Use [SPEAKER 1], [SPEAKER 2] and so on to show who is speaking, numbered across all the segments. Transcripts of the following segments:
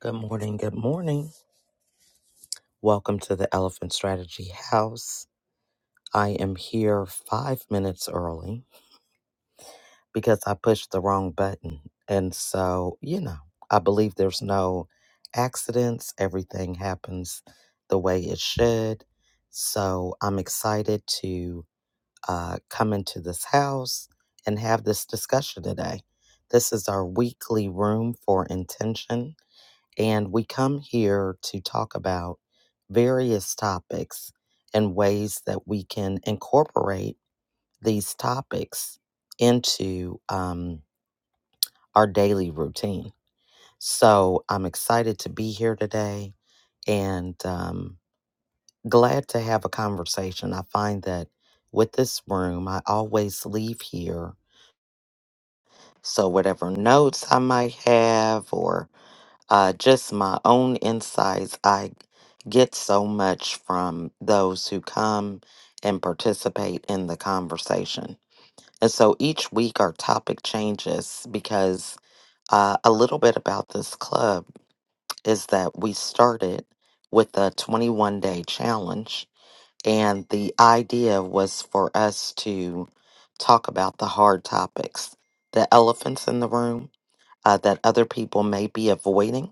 [SPEAKER 1] Good morning. Good morning. Welcome to the Elephant Strategy House. I am here five minutes early because I pushed the wrong button. And so, you know, I believe there's no accidents, everything happens the way it should. So I'm excited to uh, come into this house and have this discussion today. This is our weekly room for intention and we come here to talk about various topics and ways that we can incorporate these topics into um, our daily routine. So I'm excited to be here today and um, glad to have a conversation. I find that with this room, I always leave here. So, whatever notes I might have, or uh, just my own insights. I get so much from those who come and participate in the conversation. And so each week our topic changes because uh, a little bit about this club is that we started with a 21 day challenge, and the idea was for us to talk about the hard topics, the elephants in the room uh, that other people may be avoiding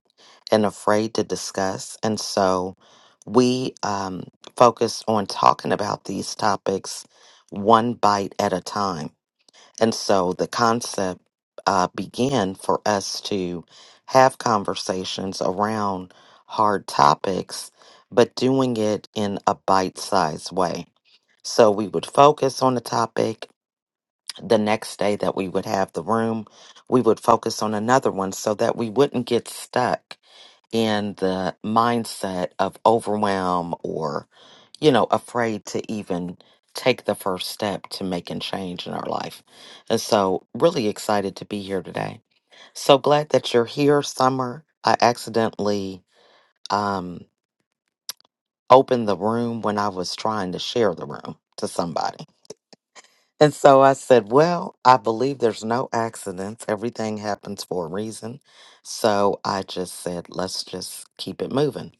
[SPEAKER 1] and afraid to discuss. And so we um, focus on talking about these topics one bite at a time. And so the concept uh, began for us to have conversations around hard topics, but doing it in a bite sized way. So we would focus on the topic the next day that we would have the room, we would focus on another one so that we wouldn't get stuck in the mindset of overwhelm or, you know, afraid to even take the first step to making change in our life. And so, really excited to be here today. So glad that you're here, Summer. I accidentally um, opened the room when I was trying to share the room to somebody. And so I said, Well, I believe there's no accidents. Everything happens for a reason. So I just said, Let's just keep it moving.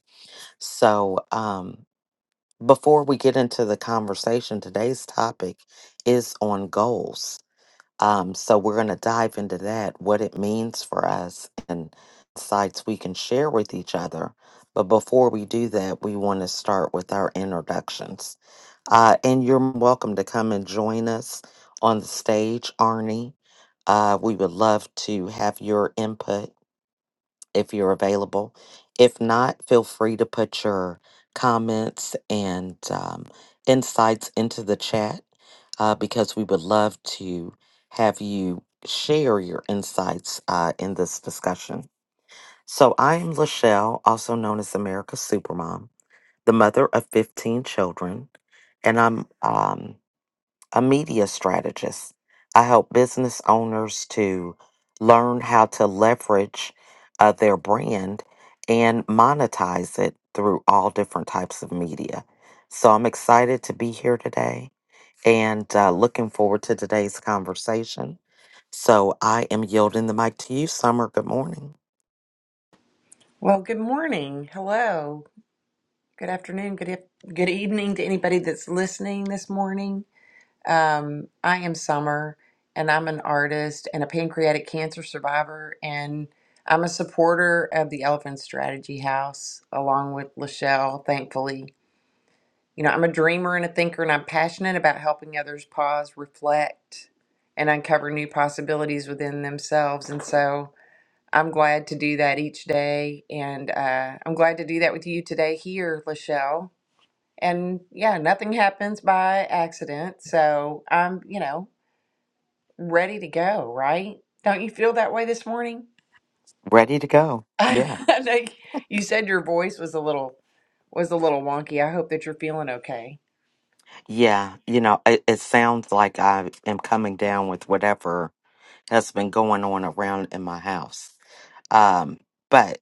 [SPEAKER 1] So um, before we get into the conversation, today's topic is on goals. Um, so we're going to dive into that, what it means for us, and insights we can share with each other. But before we do that, we want to start with our introductions. Uh, and you're welcome to come and join us on the stage, Arnie. Uh, we would love to have your input if you're available. If not, feel free to put your comments and um, insights into the chat uh, because we would love to have you share your insights uh, in this discussion. So, I am Lachelle, also known as America's Supermom, the mother of 15 children, and I'm um, a media strategist. I help business owners to learn how to leverage uh, their brand and monetize it through all different types of media. So I'm excited to be here today and uh, looking forward to today's conversation. So I am yielding the mic to you, Summer. Good morning.
[SPEAKER 2] Well, good morning. Hello. Good afternoon. Good eve- good evening to anybody that's listening this morning. Um, I am Summer, and I'm an artist and a pancreatic cancer survivor, and I'm a supporter of the Elephant Strategy House, along with Lachelle. Thankfully, you know, I'm a dreamer and a thinker, and I'm passionate about helping others pause, reflect, and uncover new possibilities within themselves. And so. I'm glad to do that each day. And uh, I'm glad to do that with you today here, Lachelle. And yeah, nothing happens by accident. So I'm, you know, ready to go, right? Don't you feel that way this morning?
[SPEAKER 1] Ready to go.
[SPEAKER 2] I
[SPEAKER 1] Yeah.
[SPEAKER 2] know you you said your voice was a little was a little wonky. I hope that you're feeling okay.
[SPEAKER 1] Yeah. You know, it, it sounds like I am coming down with whatever has been going on around in my house. Um, but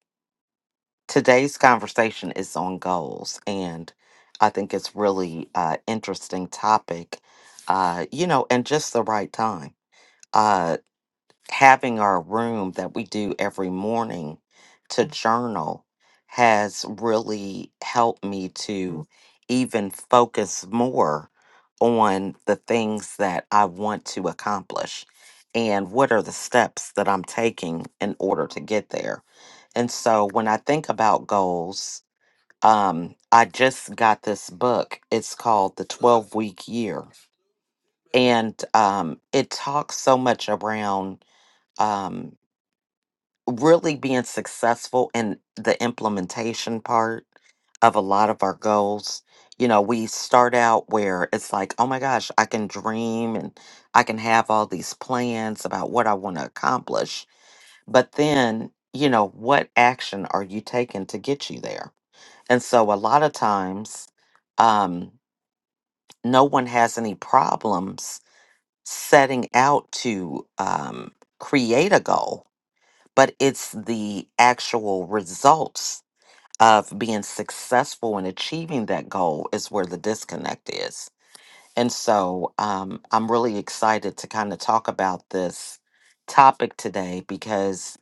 [SPEAKER 1] today's conversation is on goals, and I think it's really uh, interesting topic. Uh, you know, and just the right time. Uh, having our room that we do every morning to journal has really helped me to even focus more on the things that I want to accomplish and what are the steps that I'm taking in order to get there. And so when I think about goals, um, I just got this book. It's called The 12 Week Year. And um, it talks so much around um, really being successful in the implementation part of a lot of our goals. You know, we start out where it's like, oh my gosh, I can dream and I can have all these plans about what I want to accomplish. But then, you know, what action are you taking to get you there? And so a lot of times, um, no one has any problems setting out to um, create a goal but it's the actual results of being successful in achieving that goal is where the disconnect is. And so um, I'm really excited to kind of talk about this topic today because,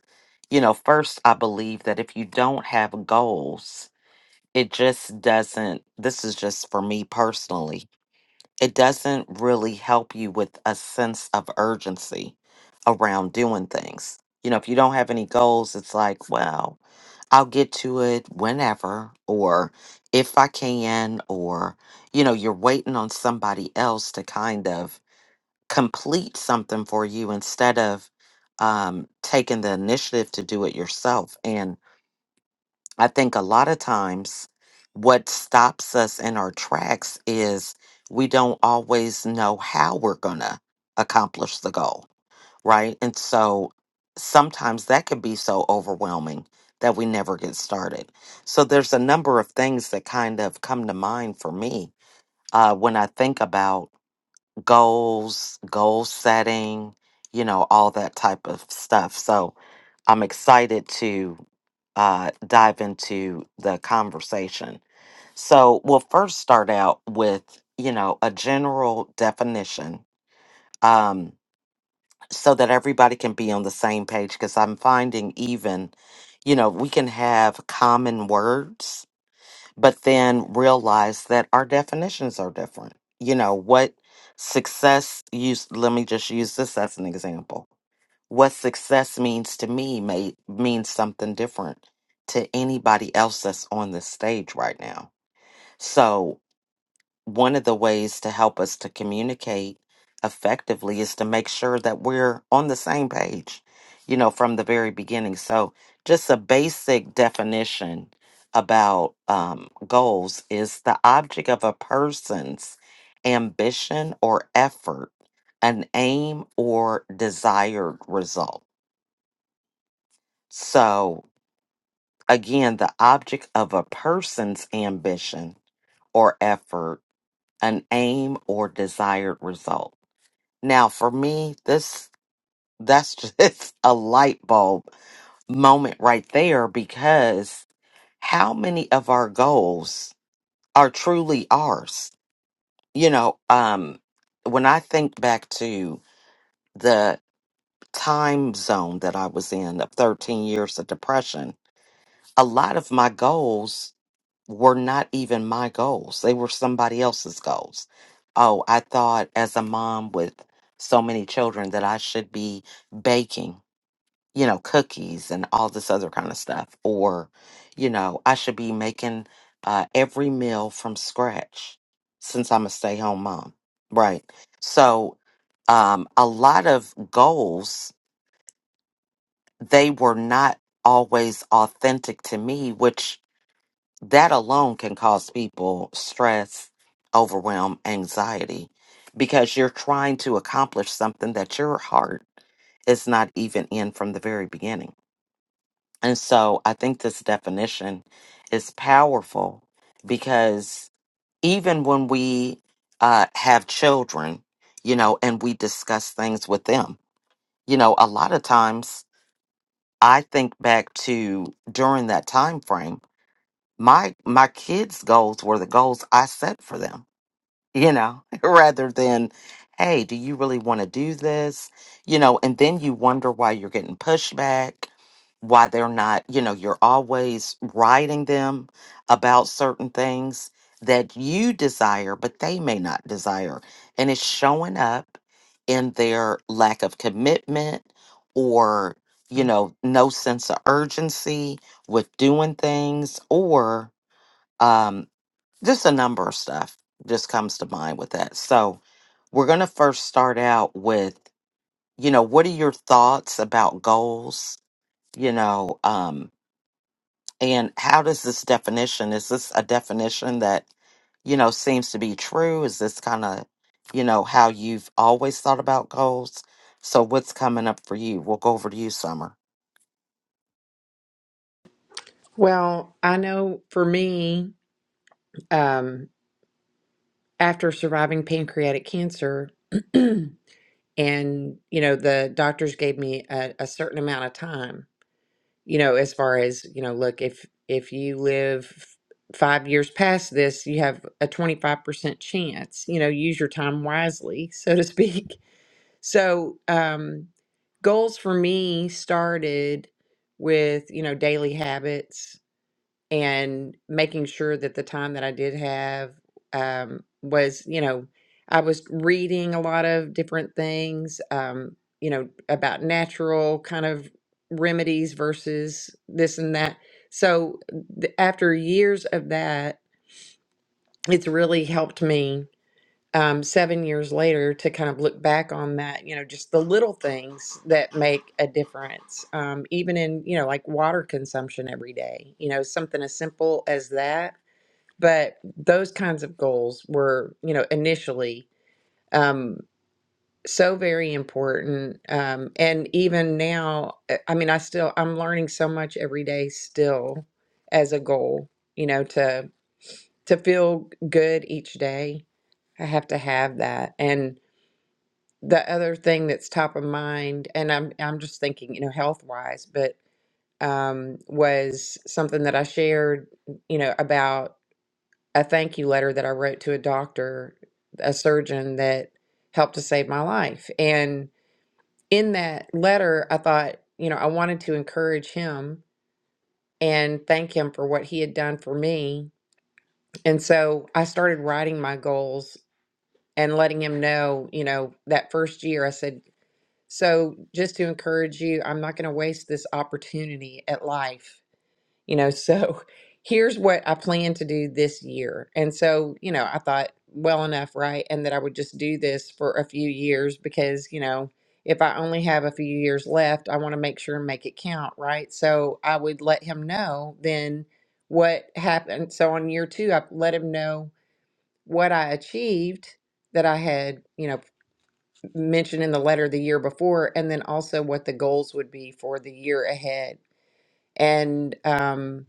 [SPEAKER 1] you know, first, I believe that if you don't have goals, it just doesn't, this is just for me personally, it doesn't really help you with a sense of urgency around doing things. You know, if you don't have any goals, it's like, well. I'll get to it whenever or if I can, or, you know, you're waiting on somebody else to kind of complete something for you instead of um, taking the initiative to do it yourself. And I think a lot of times what stops us in our tracks is we don't always know how we're going to accomplish the goal right? And so sometimes that can be so overwhelming that we never get started. So there's a number of things that kind of come to mind for me uh, when I think about goals, goal setting, you know, all that type of stuff. So I'm excited to uh, dive into the conversation. So we'll first start out with, you know, a general definition. Um, so that everybody can be on the same page because I'm finding even, you know, we can have common words, but then realize that our definitions are different. You know, what success use let me just use this as an example. What success means to me may means something different to anybody else that's on this stage right now. So one of the ways to help us to communicate effectively is to make sure that we're on the same page, you know, from the very beginning. So, just a basic definition about um, goals is the object of a person's ambition or effort, an aim or desired result. So, again, the object of a person's ambition or effort, an aim or desired result. Now, for me, this that's just a light bulb moment right there because how many of our goals are truly ours? You know, um when I think back to the time zone that I was in of 13 years of depression, a lot of my goals were not even my goals. They were somebody else's goals. Oh, I thought as a mom with so many children that I should be baking you know, cookies and all this other kind of stuff. Or, you know, I should be making uh, every meal from scratch since I'm a stay home mom. Right. So, um, a lot of goals, they were not always authentic to me, which that alone can cause people stress, overwhelm, anxiety, because you're trying to accomplish something that your heart is not even in from the very beginning. And so I think this definition is powerful because even when we uh, have children, you know, and we discuss things with them, you know, a lot of times I think back to during that time frame, my my kids' goals were the goals I set for them you know, rather than, hey, do you really want to do this? You know, and then you wonder why you're getting pushback, why they're not, you know, you're always writing them about certain things that you desire, but they may not desire. And it's showing up in their lack of commitment or, you know, no sense of urgency with doing things or, um, just a number of stuff just comes to mind with that. So, we're going to first start out with, you know, what are your thoughts about goals, you know, um and how does this definition is this a definition that, you know, seems to be true? Is this kind of, you know, how you've always thought about goals? So, what's coming up for you? We'll go over to you, Summer.
[SPEAKER 2] Well, I know for me, um, after surviving pancreatic cancer, and you know the doctors gave me a, a certain amount of time you know as far as you know look if if you live five years past this you have a 25% chance you know use your time wisely so to speak so um goals for me started with you know daily habits and making sure that the time that I did have um, was, you know, I was reading a lot of different things, um, you know, about natural kind of remedies versus this and that. So th- after years of that, it's really helped me um, seven years later to kind of look back on that, you know, just the little things that make a difference, um, even in, you know, like water consumption every day, you know, something as simple as that but those kinds of goals were you know initially um so very important um and even now uh, i mean i still i'm learning so much every day still as a goal you know to to feel good each day i have to have that and the other thing that's top of mind and i'm i'm just thinking you know health wise but um was something that i shared you know about a thank you letter that I wrote to a doctor, a surgeon that helped to save my life. And in that letter, I thought, you know, I wanted to encourage him and thank him for what he had done for me. And so I started writing my goals and letting him know, you know, that first year I said, so just to encourage you, I'm not going to waste this opportunity at life you know so here's what i plan to do this year and so you know i thought well enough right and that i would just do this for a few years because you know if i only have a few years left i want to make sure and make it count right so i would let him know then what happened so on year two i let him know what i achieved that i had you know mentioned in the letter the year before and then also what the goals would be for the year ahead and um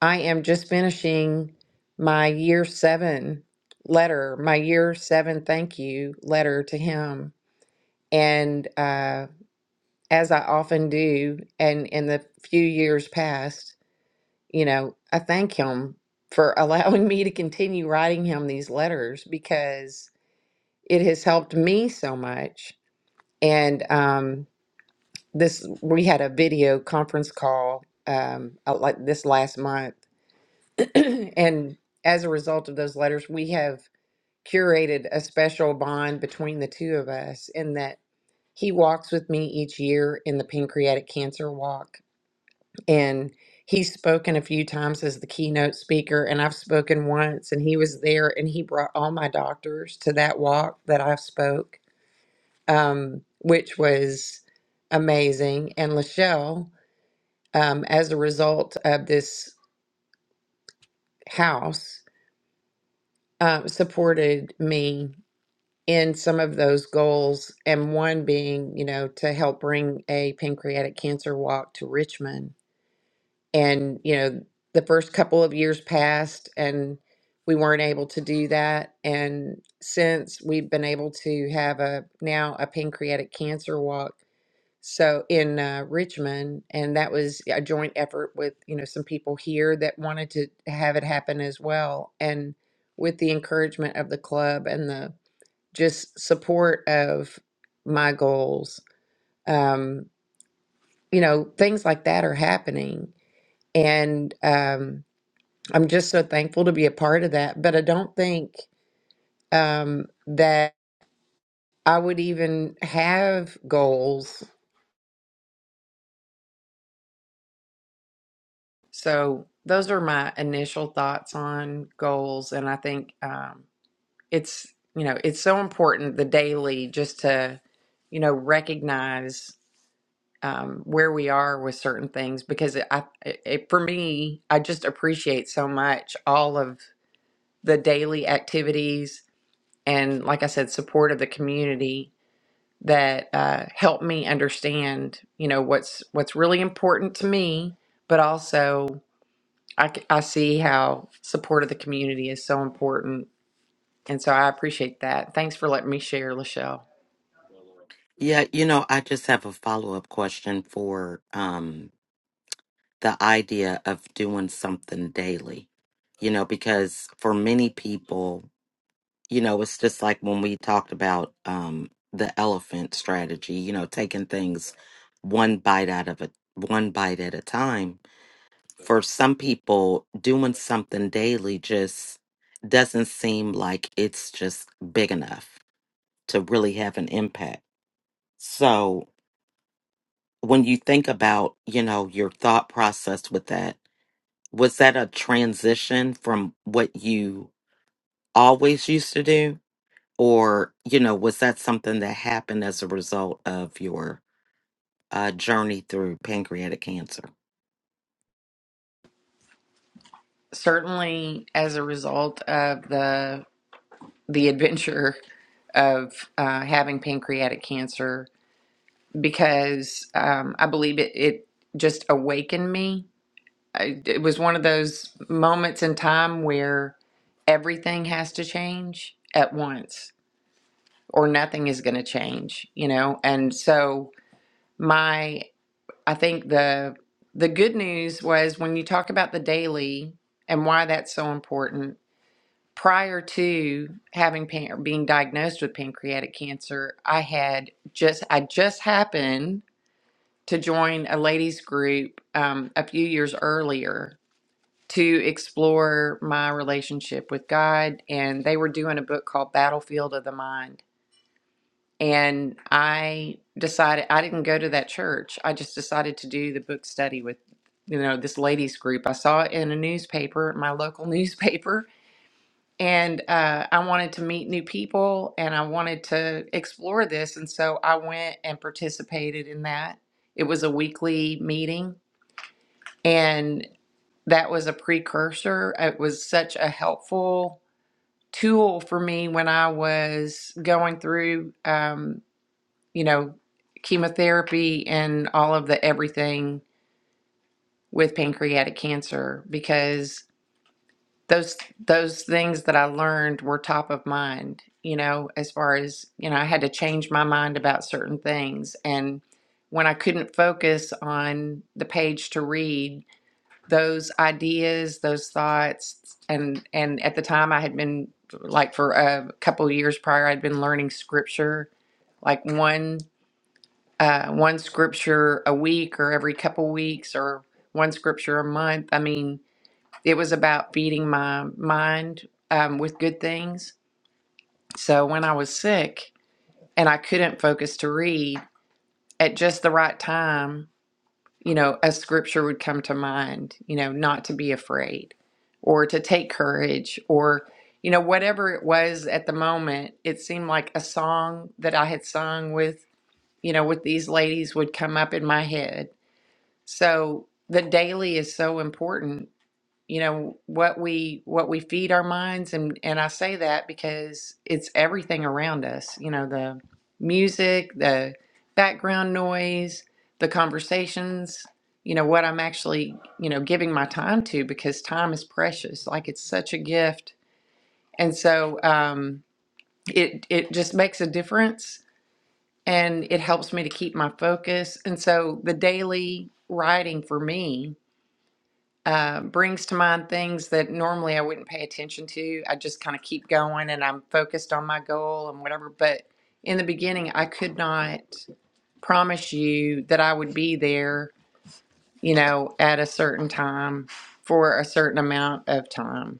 [SPEAKER 2] I am just finishing my year seven letter, my year seven thank you letter to him. And uh, as I often do, and in the few years past, you know, I thank him for allowing me to continue writing him these letters because it has helped me so much. And um, this, we had a video conference call um, uh, like this last month and as a result of those letters, we have curated a special bond between the two of us in that he walks with me each year in the pancreatic cancer walk. And he's spoken a few times as the keynote speaker, and I've spoken once, and he was there, and he brought all my doctors to that walk that I spoke, um, which was amazing. And Lachelle, um, as a result of this house, uh, supported me in some of those goals, and one being, you know, to help bring a pancreatic cancer walk to Richmond. And, you know, the first couple of years passed and we weren't able to do that. And since we've been able to have a now a pancreatic cancer walk. So in uh, Richmond, and that was a joint effort with, you know, some people here that wanted to have it happen as well. And with the encouragement of the club and the just support of my goals. Um, you know, things like that are happening. And um, I'm just so thankful to be a part of that. But I don't think um, that I would even have goals. So those are my initial thoughts on goals. And I think um, it's, you know, it's so important the daily just to, you know, recognize um, where we are with certain things because it, I, it, it- for me, I just appreciate so much all of the daily activities and, like I said, support of the community that uh, help me understand, you know, what's what's really important to me, but also I, c- I see how support of the community is so important. And so I appreciate that. Thanks for letting me share, Lachelle.
[SPEAKER 1] Yeah, you know, I just have a follow-up question for um the idea of doing something daily. You know, because for many people, you know, it's just like when we talked about um the elephant strategy, you know, taking things one bite out of a one bite at a time. For some people, doing something daily just doesn't seem like it's just big enough to really have an impact. So, when you think about, you know, your thought process with that, was that a transition from what you always used to do? Or, you know, was that something that happened as a result of your uh, journey through pancreatic cancer?
[SPEAKER 2] Certainly, as a result of the the adventure of uh, having pancreatic cancer because um, I believe it, it just awakened me. I, it was one of those moments in time where everything has to change at once or nothing is going to change, you know? And so my, I think the, the good news was when you talk about the daily and why that's so important prior to having pan- being diagnosed with pancreatic cancer, I had just I just happened to join a ladies group um, a few years earlier to explore my relationship with God, and they were doing a book called Battlefield of the Mind. And I decided I didn't go to that church. I just decided to do the book study with, you know, this ladies group. I saw it in a newspaper, my local newspaper, and uh, I wanted to meet new people and I wanted to explore this. And so I went and participated in that. It was a weekly meeting, and that was a precursor. It was such a helpful tool for me when I was going through, um, you know, chemotherapy and all of the everything with pancreatic cancer because those those things that I learned were top of mind, you know, as far as, you know, I had to change my mind about certain things and when I couldn't focus on the page to read, those ideas, those thoughts and and at the time I had been like for a couple of years prior I'd been learning scripture like one uh one scripture a week or every couple weeks or one scripture a month. I mean, it was about feeding my mind um, with good things. So when I was sick and I couldn't focus to read at just the right time, you know, a scripture would come to mind, you know, not to be afraid or to take courage or, you know, whatever it was at the moment, it seemed like a song that I had sung with, you know, with these ladies would come up in my head. So the daily is so important you know what we what we feed our minds and and I say that because it's everything around us you know the music the background noise the conversations you know what I'm actually you know giving my time to because time is precious like it's such a gift and so um it it just makes a difference and it helps me to keep my focus and so the daily writing for me uh, brings to mind things that normally I wouldn't pay attention to. I just kind of keep going and I'm focused on my goal and whatever. But in the beginning, I could not promise you that I would be there, you know, at a certain time for a certain amount of time,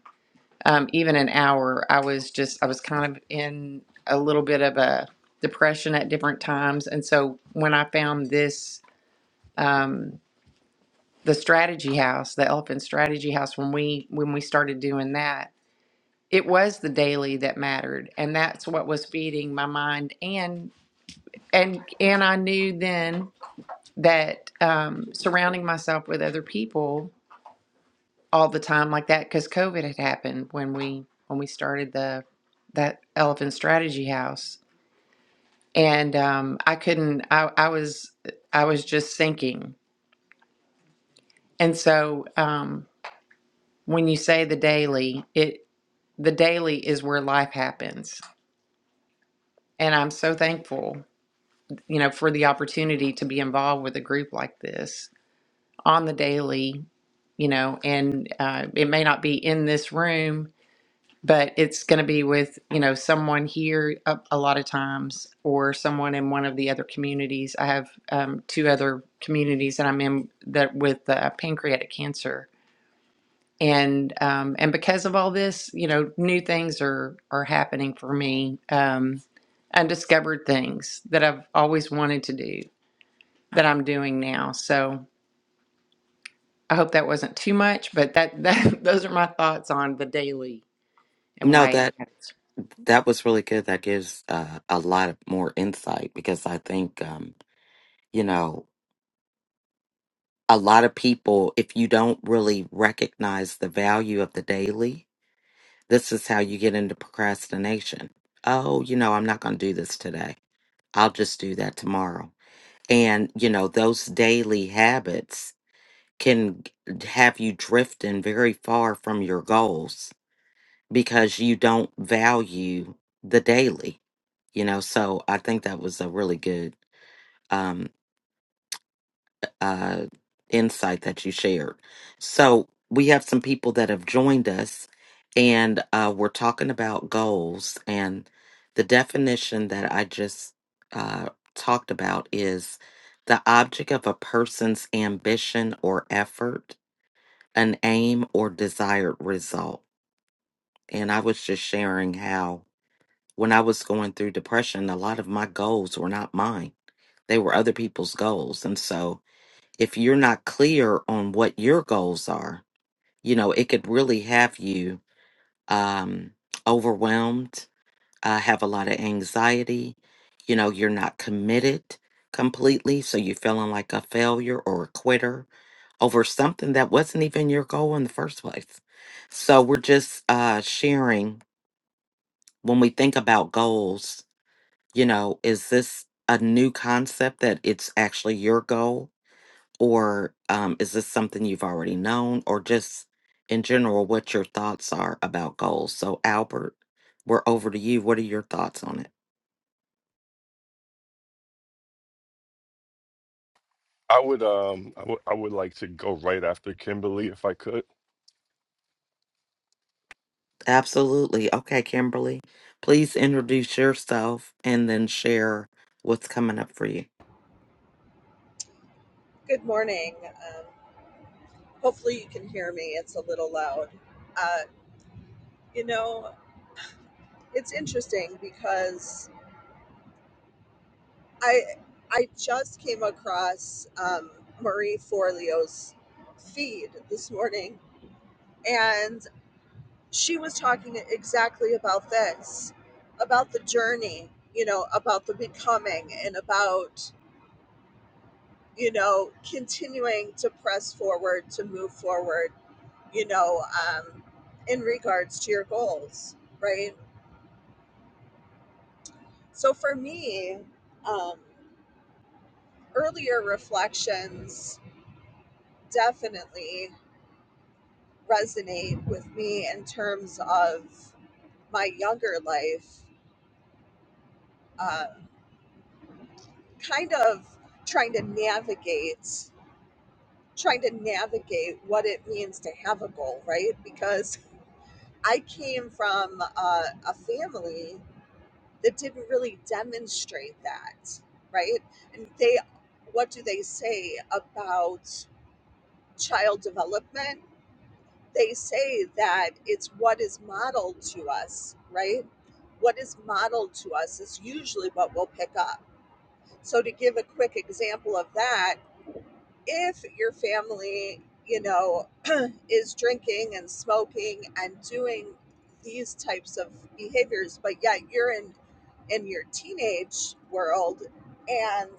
[SPEAKER 2] um, even an hour. I was just, I was kind of in a little bit of a depression at different times. And so when I found this, um, the strategy house, the elephant strategy house, when we when we started doing that, it was the daily that mattered, and that's what was feeding my mind. And and and I knew then that um, surrounding myself with other people all the time like that, because COVID had happened when we when we started the that elephant strategy house, and um, I couldn't. I, I was I was just sinking, and so um, when you say the daily, it. the daily is where life happens. And I'm so thankful, you know, for the opportunity to be involved with a group like this on the daily, you know, and uh, it may not be in this room, but it's going to be with, you know, someone here a, a lot of times or someone in one of the other communities. I have um, two other communities that I'm in that with uh, pancreatic cancer and um, and because of all this, you know, new things are are happening for me, um, undiscovered things that I've always wanted to do that I'm doing now. So I hope that wasn't too much, but that, that those are my thoughts on the daily and
[SPEAKER 1] No,
[SPEAKER 2] why it
[SPEAKER 1] that
[SPEAKER 2] matters.
[SPEAKER 1] that was really good. That gives uh, a lot of more insight because I think, um, you know, a lot of people, if you don't really recognize the value of the daily, This is how you get into procrastination. Oh, you know, I'm not going to do this today. I'll just do that tomorrow. And, you know, those daily habits can g- have you drifting very far from your goals because you don't value the daily, you know. So I think that was a really good um, uh, insight that you shared. So we have some people that have joined us, and uh, we're talking about goals. And the definition that I just uh, talked about is the object of a person's ambition or effort, an aim or desired result. And I was just sharing how when I was going through depression, a lot of my goals were not mine. They were other people's goals. And so if you're not clear on what your goals are, you know, it could really have you um, overwhelmed, uh, have a lot of anxiety. You know, you're not committed completely. So you're feeling like a failure or a quitter over something that wasn't even your goal in the first place. So we're just uh, sharing when we think about goals, you know, is this a new concept that it's actually your goal? or um, is this something you've already known or just in general what your thoughts are about goals so albert we're over to you what are your thoughts on it
[SPEAKER 3] I would um I would I would like to go right after Kimberly if I could.
[SPEAKER 1] absolutely okay kimberly please introduce yourself and then share what's coming up for you
[SPEAKER 4] Good morning. Um, hopefully, you can hear me. It's a little loud. Uh, you know, it's interesting because I I just came across um, Marie Forleo's feed this morning, and she was talking exactly about this, about the journey. You know, about the becoming and about you know, continuing to press forward, to move forward, you know, um, in regards to your goals, right? So for me, um, earlier reflections definitely resonate with me in terms of my younger life, uh, kind of trying to navigate, trying to navigate what it means to have a goal, right? Because I came from a, a family that didn't really demonstrate that, right? And they, what do they say about child development? They say that it's what is modeled to us, right? What is modeled to us is usually what we'll pick up. So, to give a quick example of that, if your family, you know, is drinking and smoking and doing these types of behaviors but yet you're in in your teenage world and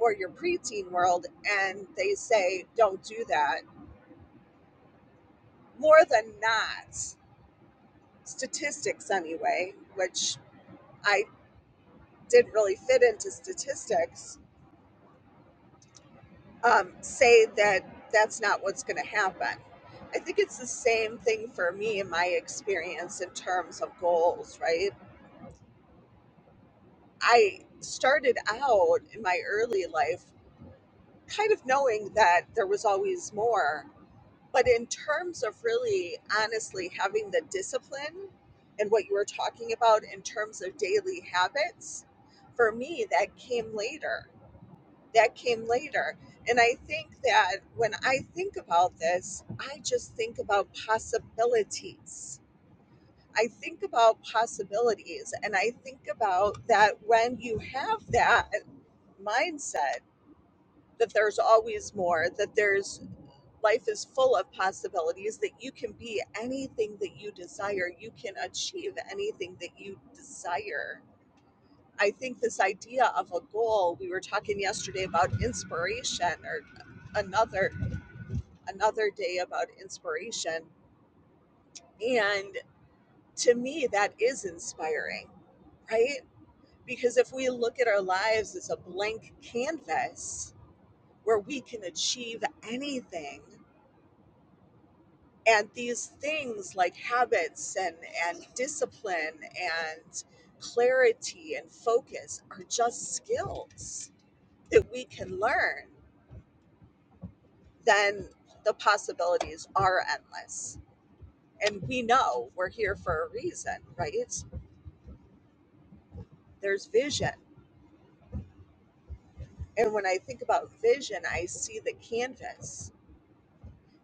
[SPEAKER 4] or your preteen world and they say don't do that more than not statistics anyway which i didn't really fit into statistics um, say that that's not what's going to happen i think it's the same thing for me in my experience in terms of goals right I started out in my early life kind of knowing that there was always more. But in terms of really honestly having the discipline and what you were talking about in terms of daily habits, for me, that came later. That came later. And I think that when I think about this, I just think about possibilities. I think about possibilities and I think about that when you have that mindset that there's always more, that there's life is full of possibilities, that you can be anything that you desire, you can achieve anything that you desire. I think this idea of a goal, we were talking yesterday about inspiration or another another day about inspiration and to me that is inspiring, right? Because if we look at our lives as a blank canvas where we can achieve anything and these things like habits and and discipline and clarity and focus are just skills that we can learn then the possibilities are endless and we know we're here for a reason right there's vision and when i think about vision i see the canvas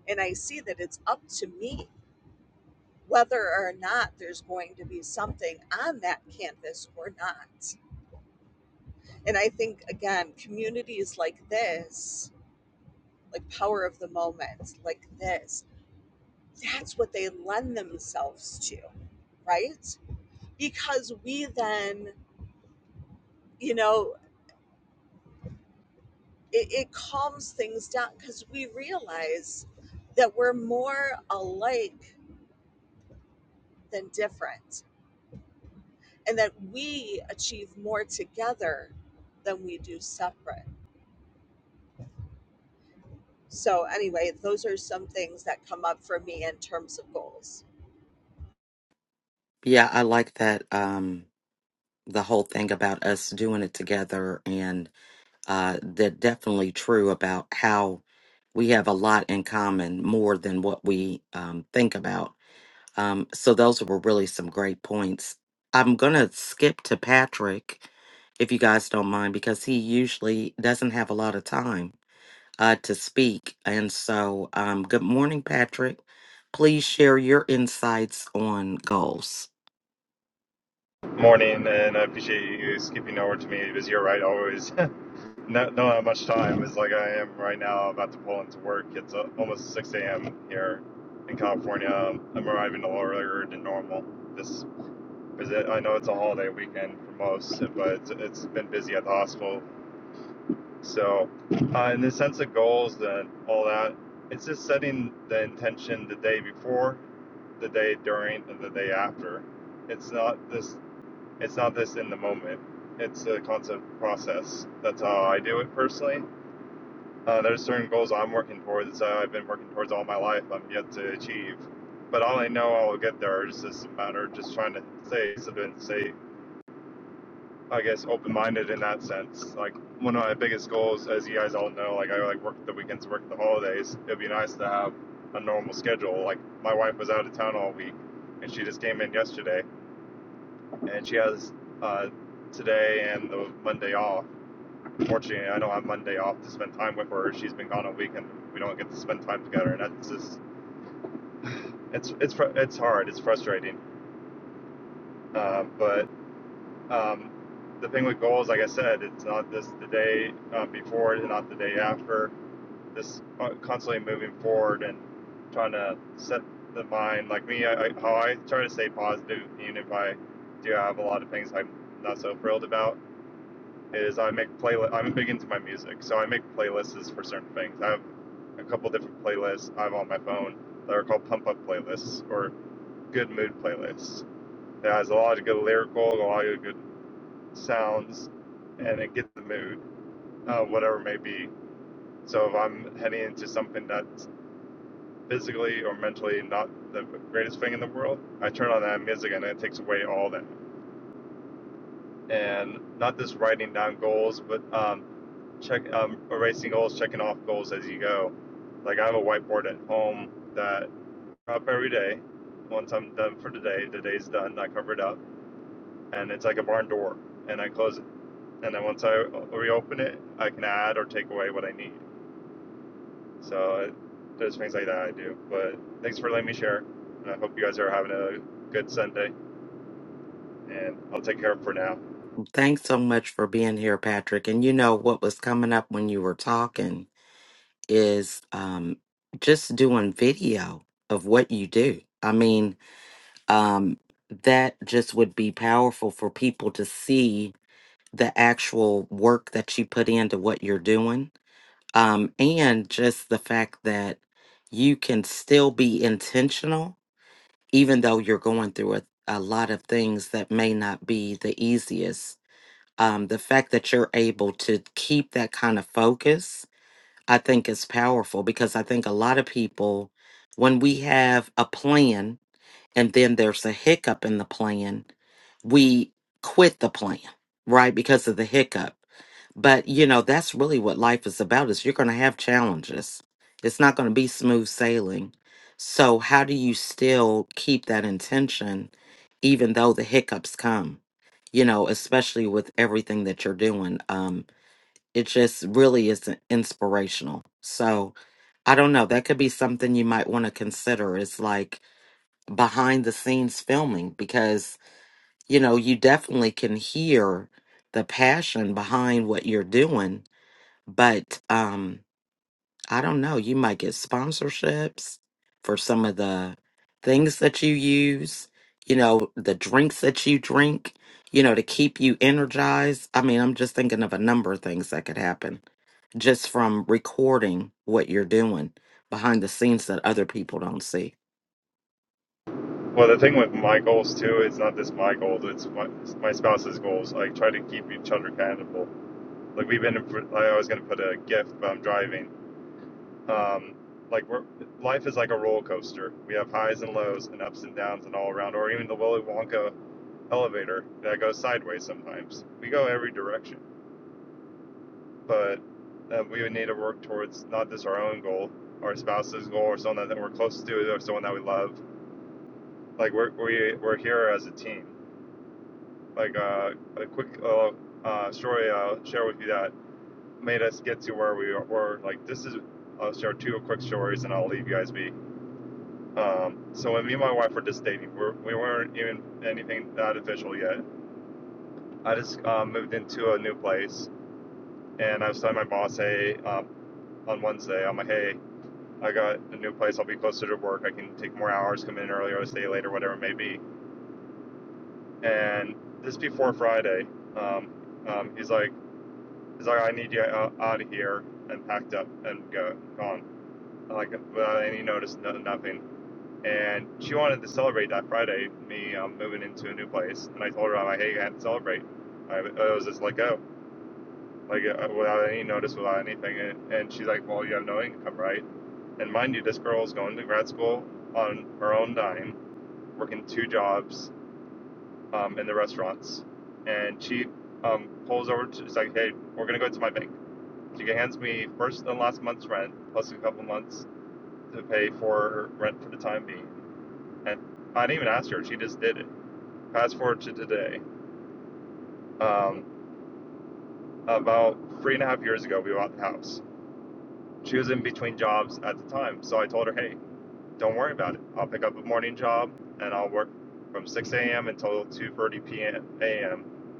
[SPEAKER 4] and i see that it's up to me whether or not there's going to be something on that canvas or not And I think, again, communities like this, like power of the moment, like this, that's what they lend themselves to, right? Because we then, you know, it, it calms things down because we realize that we're more alike than different and that we achieve more together than we do separate. So, anyway, those are some things that come up for me in terms of goals.
[SPEAKER 1] yeah i like that um the whole thing about us doing it together and uh that definitely true about how we have a lot in common more than what we um, think about Um, so those were really some great points. I'm going to skip to Patrick, if you guys don't mind, because he usually doesn't have a lot of time uh, to speak. And so, um, good morning, Patrick. Please share your insights on goals.
[SPEAKER 5] morning, and I appreciate you skipping over to me because you're right. Always not know how much time is like I am right now. About to pull into work. It's uh, almost 6 a.m. here in California. Um, I'm arriving a little earlier than normal. This is it. I know it's a holiday weekend for most, but it's, it's been busy at the hospital. So, uh, in the sense of goals and all that, it's just setting the intention the day before, the day during, and the day after. It's not this it's not this in the moment. It's a constant process. That's how I do it personally. Uh, there's certain goals I'm working towards. Uh, I've been working towards all my life. I'm yet to achieve, but all I know I'll get there. It's just a matter of just trying to stay stay, I guess, open-minded in that sense. Like one of my biggest goals, as you guys all know, like I like work the weekends, work the holidays. It'd be nice to have a normal schedule. Like my wife was out of town all week, and she just came in yesterday and she has uh, today and the Monday off. Fortunately, I know I'm Monday off to spend time with her. She's been gone a week, and we don't get to spend time together. And that's just it's it's it's hard. It's frustrating. Uh, but um, the thing with goals, like I said, it's not this the day uh, before, it's not the day after. This uh, constantly moving forward and trying to set the mind. Like me, I, I, how I try to stay positive, even if I do have a lot of things I'm not so thrilled about is I make playlist. I'm big into my music, so I make playlists for certain things. I have a couple different playlists I have on my phone that are called pump up playlists or good mood playlists. It has a lot of good lyrical, a lot of good sounds, and it gets the mood, uh, whatever it may be. So if I'm heading into something that's physically or mentally not the greatest thing in the world, I turn on that music and it takes away all that. And not just writing down goals, but um, check um, erasing goals, checking off goals as you go. Like I have a whiteboard at home that I up every day. Once I'm done for today, the day's done. I cover it up, and it's like a barn door, and I close it. And then once I uh, reopen it, I can add or take away what I need. So it, there's things like that I do. But thanks for letting me share, and I hope you guys are having a good Sunday. And I'll take care of it for now.
[SPEAKER 1] Thanks so much for being here, Patrick. And you know what was coming up when you were talking is um, just doing video of what you do. I mean, um, that just would be powerful for people to see the actual work that you put into what you're doing. Um, and just the fact that you can still be intentional, even though you're going through a, a lot of things that may not be the easiest. Um, the fact that you're able to keep that kind of focus, I think is powerful because I think a lot of people, when we have a plan and then there's a hiccup in the plan, we quit the plan, right? Because of the hiccup. But, you know, that's really what life is about is you're going to have challenges. It's not going to be smooth sailing. So, how do you still keep that intention even though the hiccups come? You know, especially with everything that you're doing. Um it just really is inspirational. So, I don't know, that could be something you might want to consider. Is like behind the scenes filming because you know you definitely can hear the passion behind what you're doing but um i don't know you might get sponsorships for some of the things that you use you know the drinks that you drink you know to keep you energized i mean i'm just thinking of a number of things that could happen just from recording what you're doing behind the scenes that other people don't see
[SPEAKER 5] Well, the thing with my goals too, it's not just my goals; it's my, it's my spouse's goals. I try to keep each other accountable like we've been i was going to put a gif but i'm driving um like we're life is like a roller coaster we have highs and lows and ups and downs and all around or even the willy wonka elevator that goes sideways sometimes we go every direction but uh, we would need to work towards not just our own goal our spouse's goal or someone that we're close to or someone that we love like we're we, we're here as a team like uh, a quick uh, uh, story i'll share with you that made us get to where we were. Like, this is, I'll share two quick stories and I'll leave you guys be. Um, so when me and my wife were just dating, we're, we weren't even anything that official yet. I just um, moved into a new place and I was telling my boss, hey, um, on Wednesday, I'm like, hey, I got a new place. I'll be closer to work. I can take more hours, come in earlier, stay later, whatever it may be. And this before Friday, um, um, he's like, he's like, I need you out, out of here and packed up and go, gone. like without any notice, no, nothing. And she wanted to celebrate that Friday, me um, moving into a new place. And I told her, I'm like, hey, I had to celebrate. I, I was just let go, like uh, without any notice, without anything. And, and she's like, well, you have no income, right? And mind you, this girl's going to grad school on her own dime, working two jobs um, in the restaurants. And she um, pulls over, to, she's like, hey, we're going to go to my bank. She hands me first and last month's rent, plus a couple months to pay for rent for the time being And I didn't even ask her; she just did it. Fast forward to today. Um, about three and a half years ago, we bought the house. She was in between jobs at the time, so I told her, "Hey, don't worry about it. I'll pick up a morning job and I'll work from 6 a.m. until 2:30 p.m.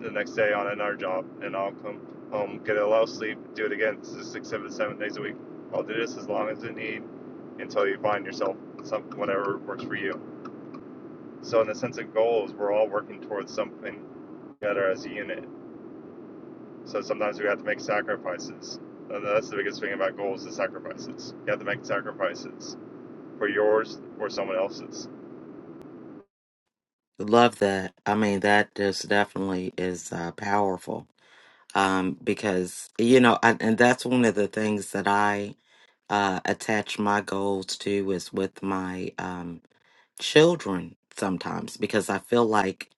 [SPEAKER 5] the next day on another job, and I'll come home, get a little sleep, do it again s- six, seven, seven days a week. I'll do this as long as you need until you find yourself something whatever works for you." So in the sense of goals, we're all working towards something together as a unit. So sometimes we have to make sacrifices. And that's the biggest thing about goals: is sacrifices. You have to make sacrifices for yours or someone else's.
[SPEAKER 1] Love that. I mean, that just definitely is uh, powerful. Um, because you know, I, and that's one of the things that I uh, attach my goals to is with my um, children sometimes because I feel like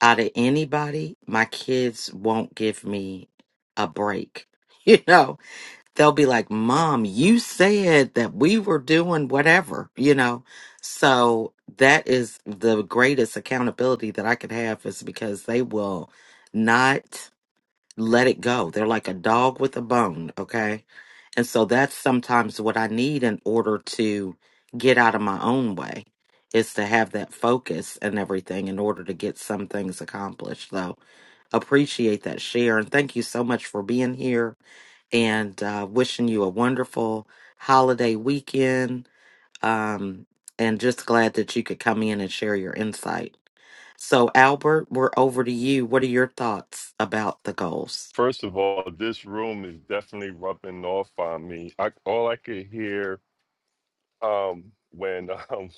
[SPEAKER 1] out of anybody, my kids won't give me a break. You know, they'll be like, Mom, you said that we were doing whatever, you know? So that is the greatest accountability that I could have is because they will not let it go. They're like a dog with a bone, okay? And so that's sometimes what I need in order to get out of my own way is to have that focus and everything in order to get some things accomplished. So appreciate that share and thank you so much for being here and uh, wishing you a wonderful holiday weekend. Um, and just glad that you could come in and share your insight. So, Albert, we're over to you. What are your thoughts about the goals?
[SPEAKER 3] First of all, this room is definitely rubbing off on me. I all I could hear um when um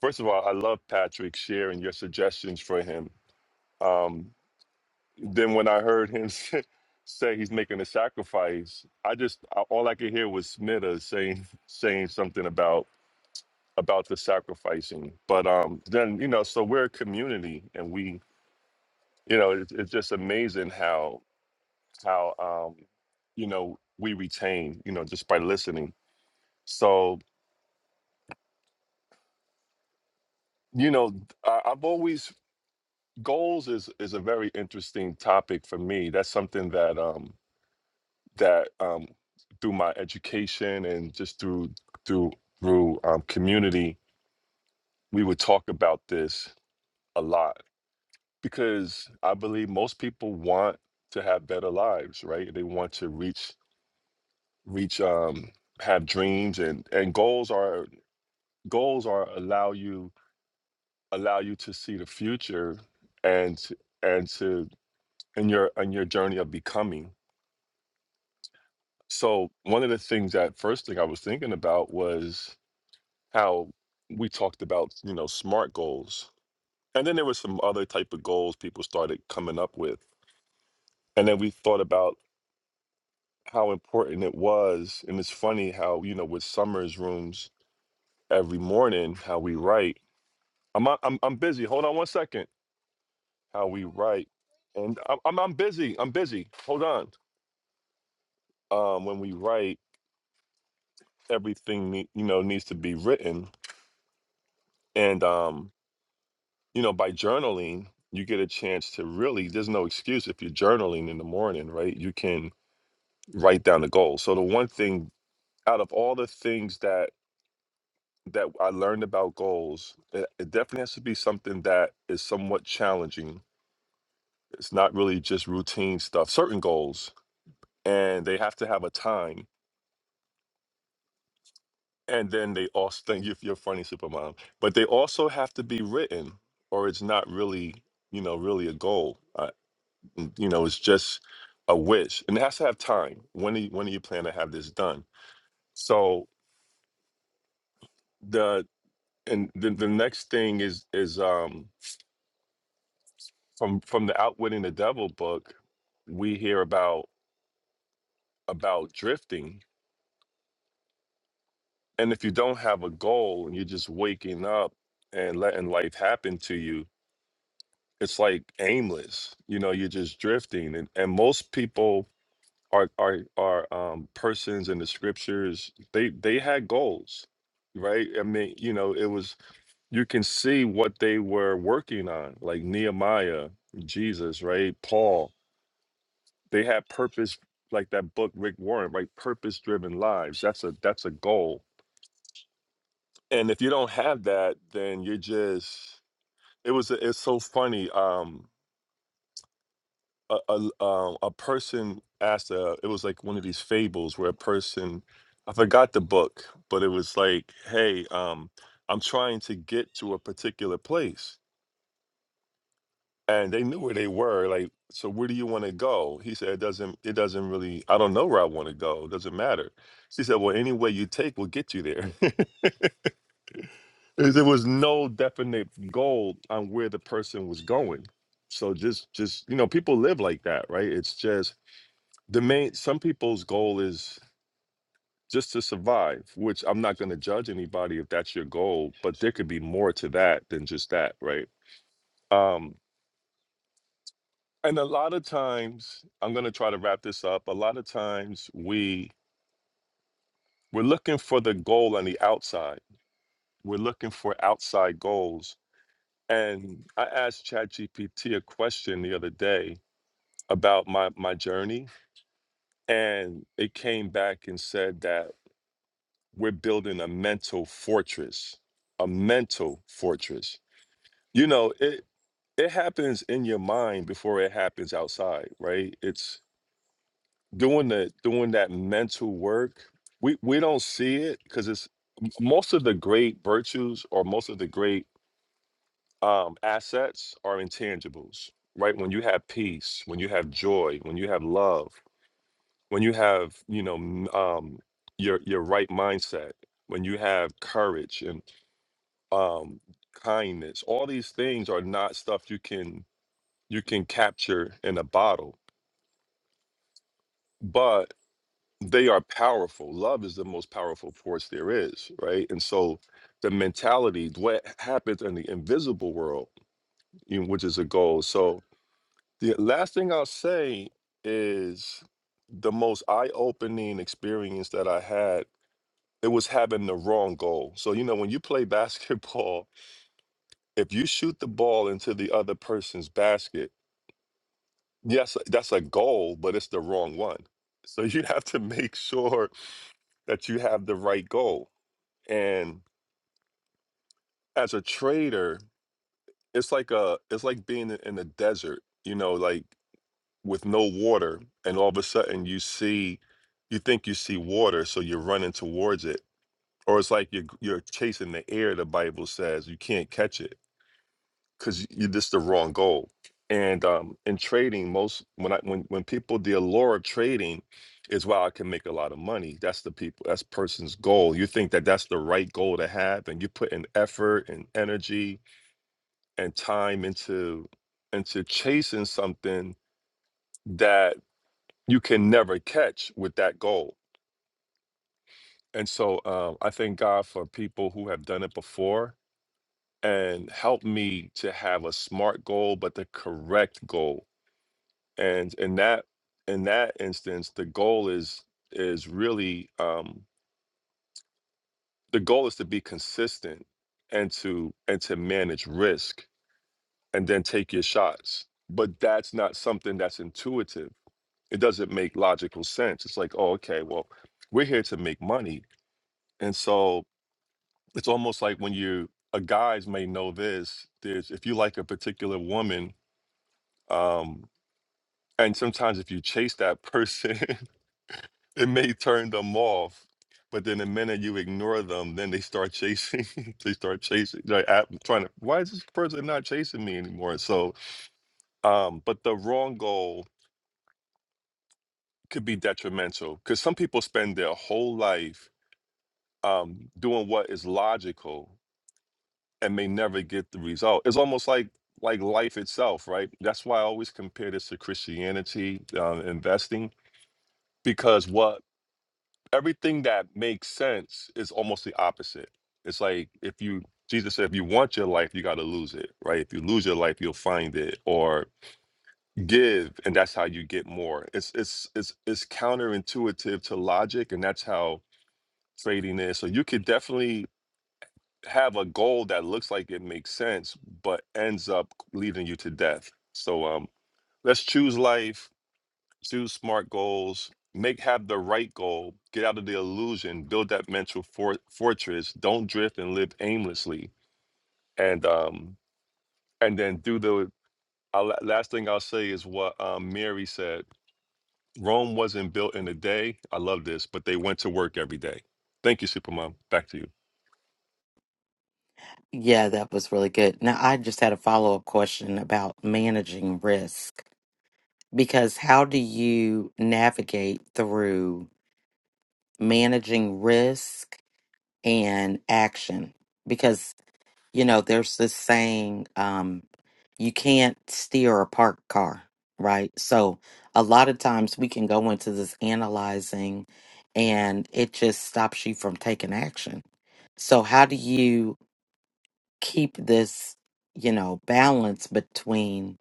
[SPEAKER 3] first of all, I love Patrick sharing your suggestions for him. Um then when I heard him say say he's making a sacrifice, I just I, all I could hear was Smithers saying saying something about about the sacrificing. But um then you know, so we're a community and we you know it's, it's just amazing how how um you know we retain you know just by listening so you know I, i've always goals is is a very interesting topic for me that's something that um that um through my education and just through through through um, community we would talk about this a lot because i believe most people want to have better lives right they want to reach reach um have dreams and and goals are goals are allow you allow you to see the future and to- and to in your in your journey of becoming so one of the things that first thing i was thinking about was how we talked about you know smart goals and then there was some other type of goals people started coming up with and then we thought about how important it was and it's funny how you know with summers rooms every morning how we write I'm on- I'm I'm busy. Hold on one second. How we write, and I'm I'm, I'm busy. I'm busy. Hold on. Um, when we write, everything ne- you know needs to be written, and um, you know, by journaling, you get a chance to really. There's no excuse if you're journaling in the morning, right? You can write down the goals. So the one thing out of all the things that that I learned about goals, it, it definitely has to be something that is somewhat challenging. It's not really just routine stuff. Certain goals and they have to have a time. And then they also think if you're funny, supermom, but they also have to be written, or it's not really, you know, really a goal. Uh, you know, it's just a wish, and it has to have time. When do you, when do you plan to have this done? So the and the, the next thing is is um from from the Outwitting the Devil book, we hear about about drifting, and if you don't have a goal and you're just waking up and letting life happen to you it's like aimless you know you're just drifting and, and most people are are are um persons in the scriptures they they had goals right i mean you know it was you can see what they were working on like nehemiah jesus right paul they had purpose like that book rick warren right purpose driven lives that's a that's a goal and if you don't have that then you're just it was it's so funny um a a, um, a person asked a, it was like one of these fables where a person i forgot the book but it was like hey um i'm trying to get to a particular place and they knew where they were like so where do you want to go he said it doesn't it doesn't really i don't know where i want to go it doesn't matter she said well any way you take will get you there there was no definite goal on where the person was going so just just you know people live like that right it's just the main some people's goal is just to survive which i'm not going to judge anybody if that's your goal but there could be more to that than just that right um and a lot of times i'm going to try to wrap this up a lot of times we we're looking for the goal on the outside we're looking for outside goals and i asked chatgpt a question the other day about my my journey and it came back and said that we're building a mental fortress a mental fortress you know it it happens in your mind before it happens outside right it's doing the doing that mental work we we don't see it because it's m- most of the great virtues or most of the great um assets are intangibles right when you have peace when you have joy when you have love when you have you know m- um your your right mindset when you have courage um, kindness. All these things are not stuff you can you can capture in a bottle, but they are powerful. Love is the most powerful force there is, right? And so the mentality, what happens in the invisible world, you know, which is a goal. So the last thing I'll say is the most eye-opening experience that I had. It was having the wrong goal. So you know, when you play basketball, if you shoot the ball into the other person's basket yes, that's a goal, but it's the wrong one. So you have to make sure that you have the right goal. And as a trader, it's like a it's like being in in the desert, you know, like with no water, and all of a sudden you see, you think you see water, so you're running towards it. Or it's like you're you're chasing the air. The Bible says you can't catch it. because you this the wrong goal. And um, in trading, most when I when when people the allure of trading is why I can make a lot of money. That's the people. That's person's goal. You think that that's the right goal to have, and you put in effort and energy and time into into chasing something that you can never catch with that goal. And so um, I thank God for people who have done it before and helped me to have a smart goal, but the correct goal and in that in that instance the goal is is really um the goal is to be consistent and to and to manage risk and then take your shots but that's not something that's intuitive it doesn't make logical sense it's like oh okay well we're here to make money and so it's almost like when you a guys may know this there's if you like a particular woman um and sometimes if you chase that person It may turn them off, but then the minute you ignore them, then they start chasing. they start chasing. They're at, trying to. Why is this person not chasing me anymore? So, um, but the wrong goal could be detrimental because some people spend their whole life um, doing what is logical and may never get the result. It's almost like like life itself, right? That's why I always compare this to Christianity, uh, investing, because what everything that makes sense is almost the opposite. It's like if you Jesus said, if you want your life, you got to lose it, right? If you lose your life, you'll find it, or give, and that's how you get more. It's it's it's it's counterintuitive to logic, and that's how trading is. So you could definitely have a goal that looks like it makes sense, but ends up leading you to death. So um, let's choose life do smart goals make have the right goal get out of the illusion build that mental for- fortress don't drift and live aimlessly and um and then do the uh, la- last thing i'll say is what um, mary said rome wasn't built in a day i love this but they went to work every day thank you supermom back to you
[SPEAKER 1] Yeah, that was really good. Now, I just had a follow up question about managing risk because how do you navigate through managing risk and action? Because You know, there's this saying, um, you can't steer a parked car, right? So a lot of times we can go into this analyzing and it just stops you from taking action. So how do you keep this, you know, balance between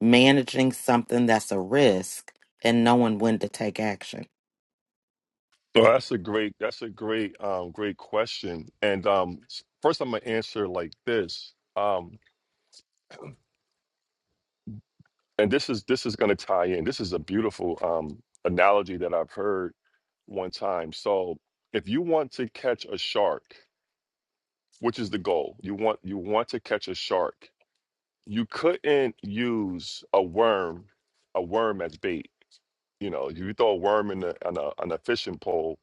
[SPEAKER 1] managing something that's a risk and knowing when to take action?
[SPEAKER 3] well that's a great that's a great um great question and um s- first i'm gonna answer like this and this is this is going to tie in this is a beautiful um analogy that i've heard one time so if you want to catch a shark which is the goal you want you want to catch a shark you couldn't use a worm a worm as bait you know if you throw a worm in a, on, a, on a fishing pole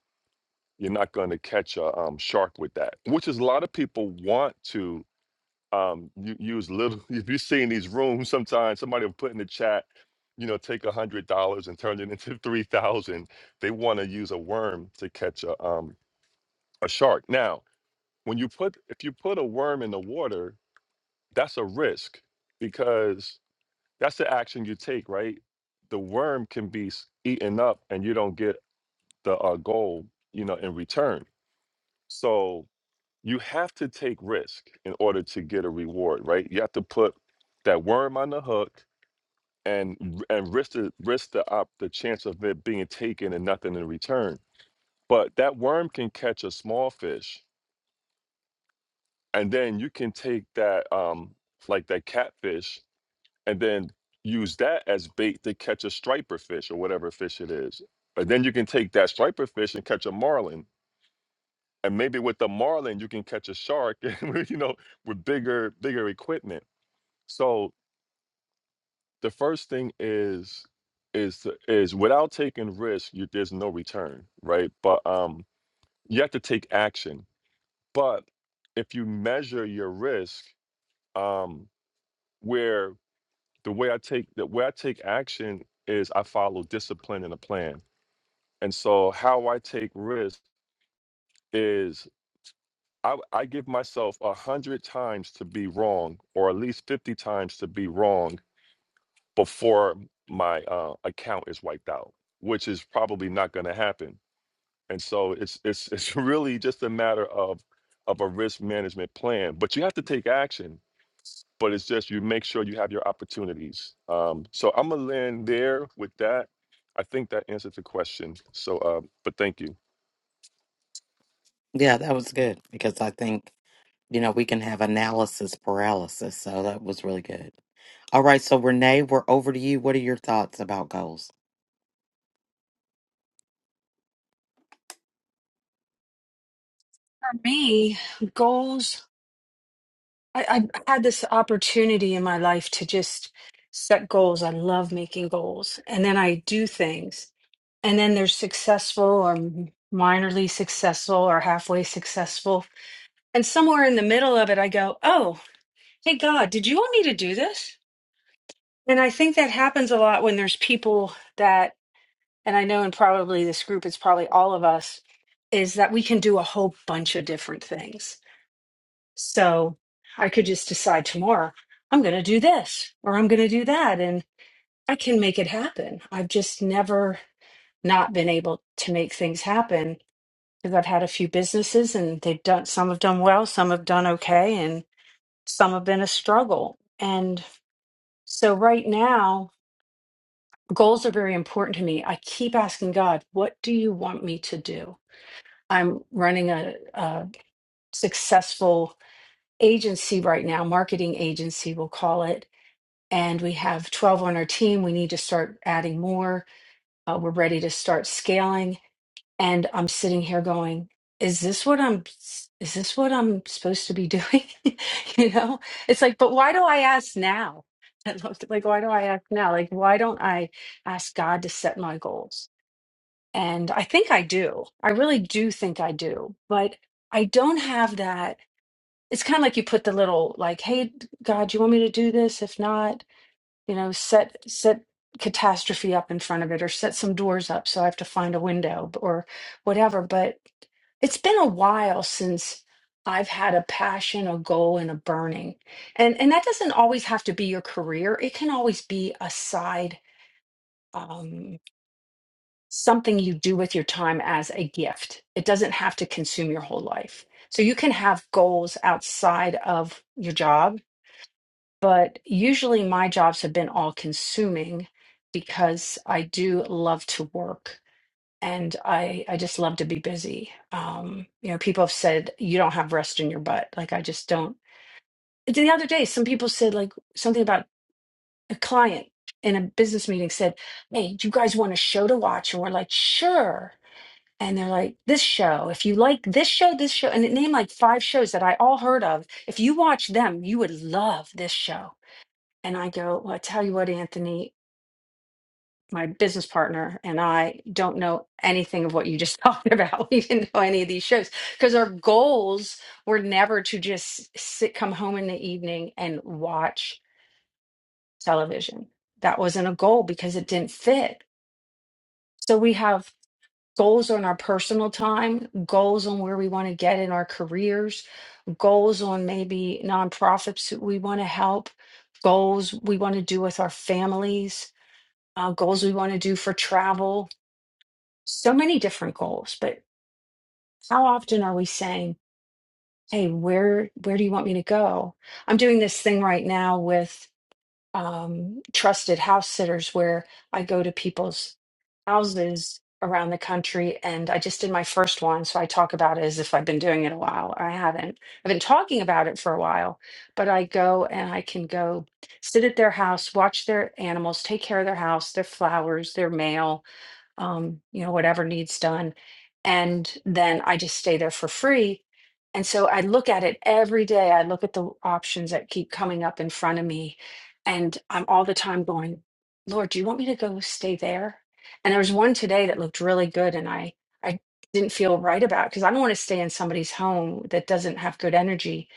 [SPEAKER 3] you're not going to catch a um, shark with that which is a lot of people want to um you use little if you see in these rooms sometimes somebody will put in the chat you know take a hundred dollars and turn it into three thousand they want to use a worm to catch a um a shark now when you put if you put a worm in the water that's a risk because that's the action you take right the worm can be s- eaten up and you don't get the uh, goal you know in return so you have to take risk in order to get a reward, right? You have to put that worm on the hook and r- and risk the risk the op, the chance of it being taken and nothing in return. But that worm can catch a small fish, and then you can take that um like that catfish and then use that as bait to catch a striper fish or whatever fish it is. And then you can take that striper fish and catch a marlin. And maybe with the marlin you can catch a shark, you know, with bigger bigger equipment So the first thing is is to- is without taking risk, you, there's no return, right? But um, you have to take action. But if you measure your risk, um, where the way I take the way I take action is I follow discipline and a plan. And so how I take risk is I, I give myself a hundred times to be wrong, or at least fifty times to be wrong, before my uh, account is wiped out, which is probably not going to happen. And so it's it's it's really just a matter of of a risk management plan. But you have to take action. But it's just you make sure you have your opportunities. Um, so I'm gonna land there with that. I think that answers the question. So, uh, but thank you.
[SPEAKER 1] Yeah, that was good because I think, you know, we can have analysis paralysis. So that was really good. All right, so Renee, we're over to you. What are your thoughts about goals?
[SPEAKER 6] For me, goals, I, I had this opportunity in my life to just set goals. I love making goals. And then I do things. And then they're successful or minorly successful or halfway successful. And somewhere in the middle of it, I go, oh, hey, God, did you want me to do this? And I think that happens a lot when there's people that, and I know in probably this group, it's probably all of us, is that we can do a whole bunch of different things So I could just decide tomorrow, I'm going to do this or I'm going to do that. And I can make it happen. I've just never not been able to make things happen because I've had a few businesses and they've done, some have done well, some have done okay, and some have been a struggle. And so right now, goals are very important to me. I keep asking God, what do you want me to do? I'm running a, a successful agency right now, marketing agency, we'll call it and we have 12 on our team. We need to start adding more. Uh, we're ready to start scaling. And I'm sitting here going, is this what I'm is this what I'm supposed to be doing? you know? It's like, but why do I ask now? Like, why do I ask now? Like, why don't I ask God to set my goals? And I think I do. I really do think I do, but I don't have that. It's kind of like you put the little, like, hey, God, you want me to do this? If not, you know set set catastrophe up in front of it or set some doors up so i have to find a window or whatever but it's been a while since i've had a passion a goal and a burning and and that doesn't always have to be your career it can always be a side um something you do with your time as a gift it doesn't have to consume your whole life so you can have goals outside of your job but usually my jobs have been all consuming because I do love to work and I I just love to be busy. Um, you know, people have said you don't have rest in your butt. Like I just don't. The other day, some people said like something about a client in a business meeting said, "Hey, do you guys want a show to watch?" And we're like, "Sure." And they're like, "This show. If you like this show, this show," and it named like five shows that I all heard of. If you watch them, you would love this show and I go, Well, I tell you what, Anthony, my business partner and I don't know anything of what you just talked about. We didn't know any of these shows because our goals were never to just sit, come home in the evening and watch television. That wasn't a goal because it didn't fit. So we have goals on our personal time, goals on where we want to get in our careers, goals on maybe nonprofits that we want to help, goals we want to do with our families uh, goals we want to do for travel, so many different goals. But how often are we saying, "Hey, where where do you want me to go?" I'm doing this thing right now with um, trusted house sitters, where I go to people's houses around the country, and I just did my first one, so I talk about it as if I've been doing it a while. I haven't. I've been talking about it for a while, but I go and I can go sit at their house, watch their animals, take care of their house, their flowers, their mail um, you know, whatever needs done. And then I just stay there for free. And so I look at it every day. I look at the options that keep coming up in front of me. And I'm all the time going, Lord, do you want me to go stay there? And there was one today that looked really good and I I didn't feel right about because I don't want to stay in somebody's home that doesn't have good energy.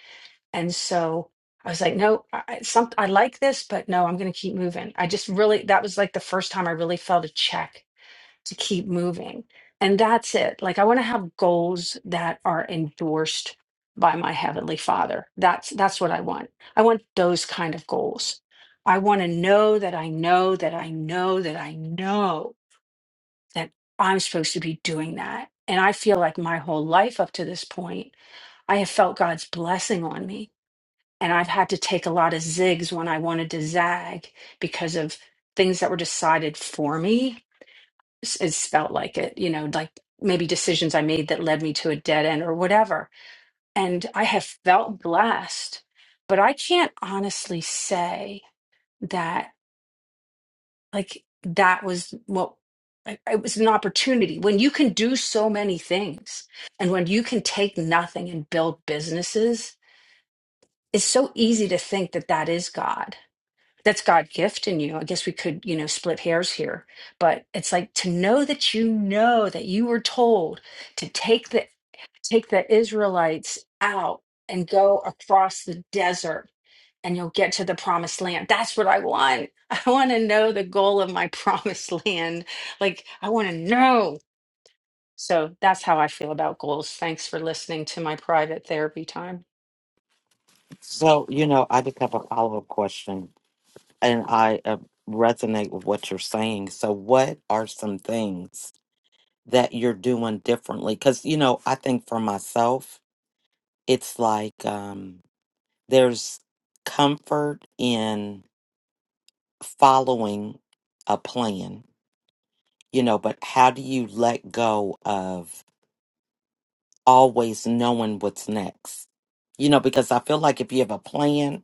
[SPEAKER 6] And so I was like, no, I, I- some, I like this, but no, I'm going to keep moving. I just really, that was like the first time I really felt a check to keep moving. And that's it. Like I want to have goals that are endorsed by my heavenly father. That's that's what I want. I want those kind of goals. I want to know that I know that I know that I know that I'm supposed to be doing that. And I feel like my whole life up to this point, I have felt God's blessing on me. And I've had to take a lot of zigs when I wanted to zag because of things that were decided for me s- it's felt like it, you know, like maybe decisions I made that led me to a dead end or whatever. And I have felt blessed, but I can't honestly say that like that was what I- it was an opportunity when you can do so many things and when you can take nothing and build businesses it's so easy to think that that is god that's God gift in you. I guess we could, you know, split hairs here, but it's like to know that you know that you were told to take the take the Israelites out and go across the desert and you'll get to the promised land. That's what I want. I want to know the goal of my promised land. Like I want to know. So that's how I feel about goals. Thanks for listening to my private therapy time.
[SPEAKER 1] So, you know, I just have a follow up question and I uh, resonate with what you're saying. So, what are some things that you're doing differently? Because, you know, I think for myself, it's like um, there's comfort in following a plan, you know, but how do you let go of always knowing what's next? You know, because I feel like if you have a plan,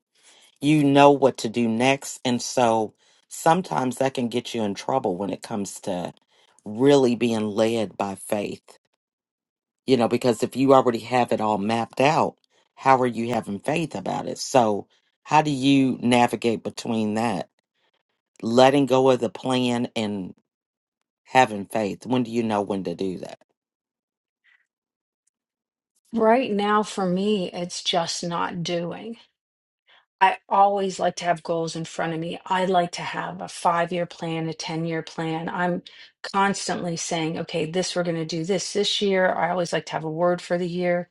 [SPEAKER 1] you know what to do next. And so sometimes that can get you in trouble when it comes to really being led by faith, you know, because if you already have it all mapped out, how are you having faith about it? So, how do you navigate between that, letting go of the plan and having faith? When do you know when to do that?
[SPEAKER 6] Right now for me, it's just not doing. I always like to have goals in front of me. I like to have a five year plan, a 10 year plan. I'm constantly saying, okay, this we're going to do this this year. I always like to have a word for the year.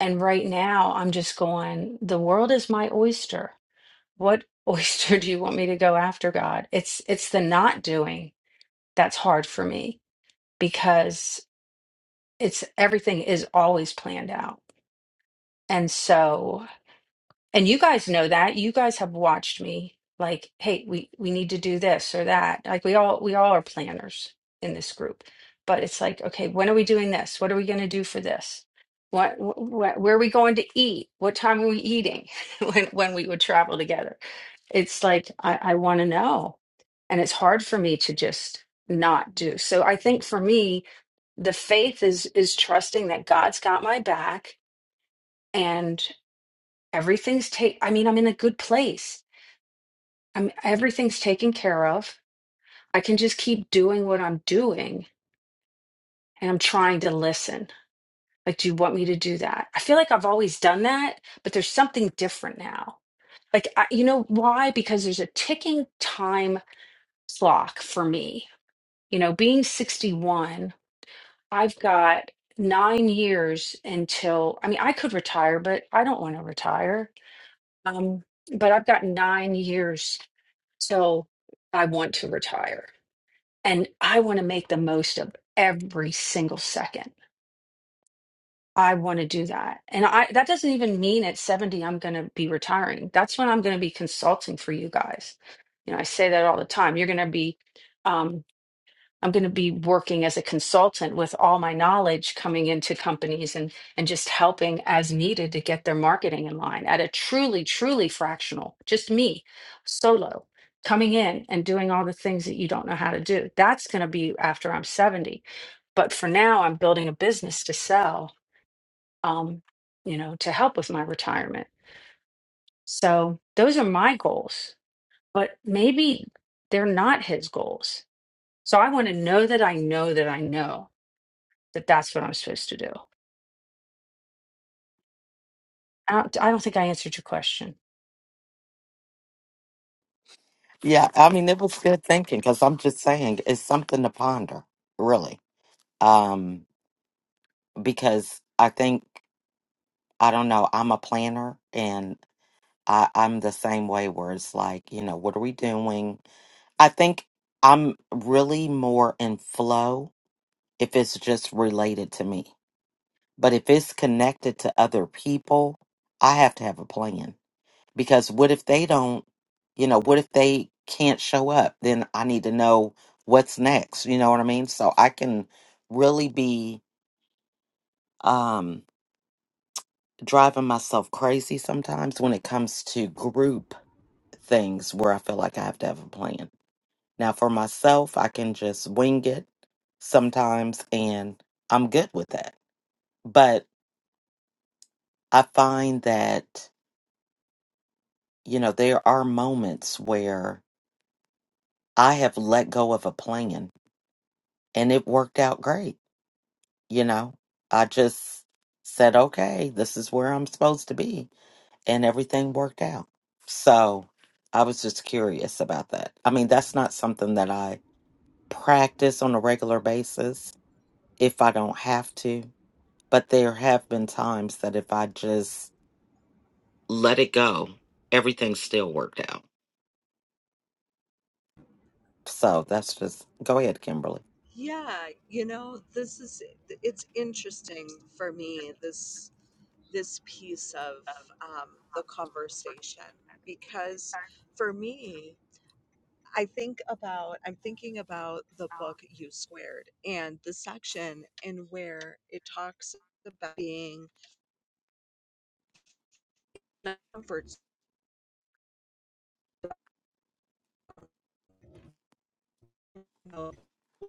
[SPEAKER 6] And right now, I'm just going, the world is my oyster. What oyster do you want me to go after, God? It's it's the not doing that's hard for me because it's everything is always planned out. And so And you guys know that. You guys have watched me like, hey, we we need to do this or that. Like we all we all are planners in this group. But it's like, okay, when are we doing this? What are we going to do for this? What, wh- wh- where are we going to eat? What time are we eating? when when we would travel together. It's like I I want to know. And it's hard for me to just not do. So I think for me, the faith is is trusting that God's got my back everything's take i mean i'm in a good place i'm everything's taken care of i can just keep doing what i'm doing and i'm trying to listen like do you want me to do that i feel like i've always done that but there's something different now like I, you know why because there's a ticking time clock for me you know being 61 i've got nine years until i mean i could retire but i don't want to retire um but i've got nine years So I want to retire and I want to make the most of every single second. I want to do that. And I that doesn't even mean at 70 I'm going to be retiring. That's when I'm going to be consulting for you guys. You know, I say that all the time. You're going to be um I'm going to be working as a consultant with all my knowledge coming into companies and and just helping as needed to get their marketing in line at a truly truly fractional just me solo coming in and doing all the things that you don't know how to do. That's going to be after I'm 70. But for now I'm building a business to sell um you know to help with my retirement. So those are my goals, but maybe they're not his goals. So I want to know that I know that I know that that's what I'm supposed to do. I don't, I don't think I answered your question.
[SPEAKER 1] Yeah, I mean, it was good thinking because I'm just saying it's something to ponder, really. Um, because I think I don't know. I'm a planner and I, I'm the same way where it's like, you know, what are we doing? I think I'm really more in flow if it's just related to me. But if it's connected to other people, I have to have a plan because what if they don't, you know, what if they can't show up? Then I need to know what's next. You know what I mean? So I can really be um, driving myself crazy sometimes when it comes to group things where I feel like I have to have a plan. Now, for myself, I can just wing it sometimes, and I'm good with that. But I find that, you know, there are moments where I have let go of a plan and it worked out great. You know, I just said, okay, this is where I'm supposed to be, and everything worked out. So I was just curious about that. I mean, that's not something that I practice on a regular basis if I don't have to. But there have been times that if I just let it go, everything still worked out. So that's just go ahead, Kimberly.
[SPEAKER 4] Yeah, you know, this is it's interesting for me this this piece of um, the conversation because for me, I think about I'm thinking about the book U Squared and the section in where it talks about being in our comfort zone,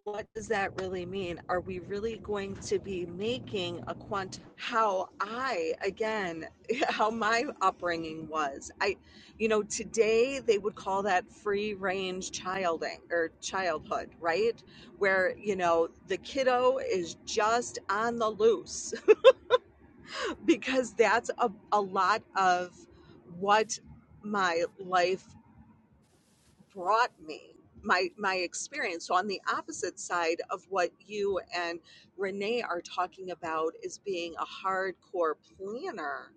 [SPEAKER 4] what does that really mean? Are we really going to be making a quant? How I, again, how my upbringing was. I, you know, today they would call that free range childing or childhood, right? Where, you know, the kiddo is just on the loose because that's a, a lot of what my life brought me my my experience so on the opposite side of what you and renee are talking about is being a hardcore planner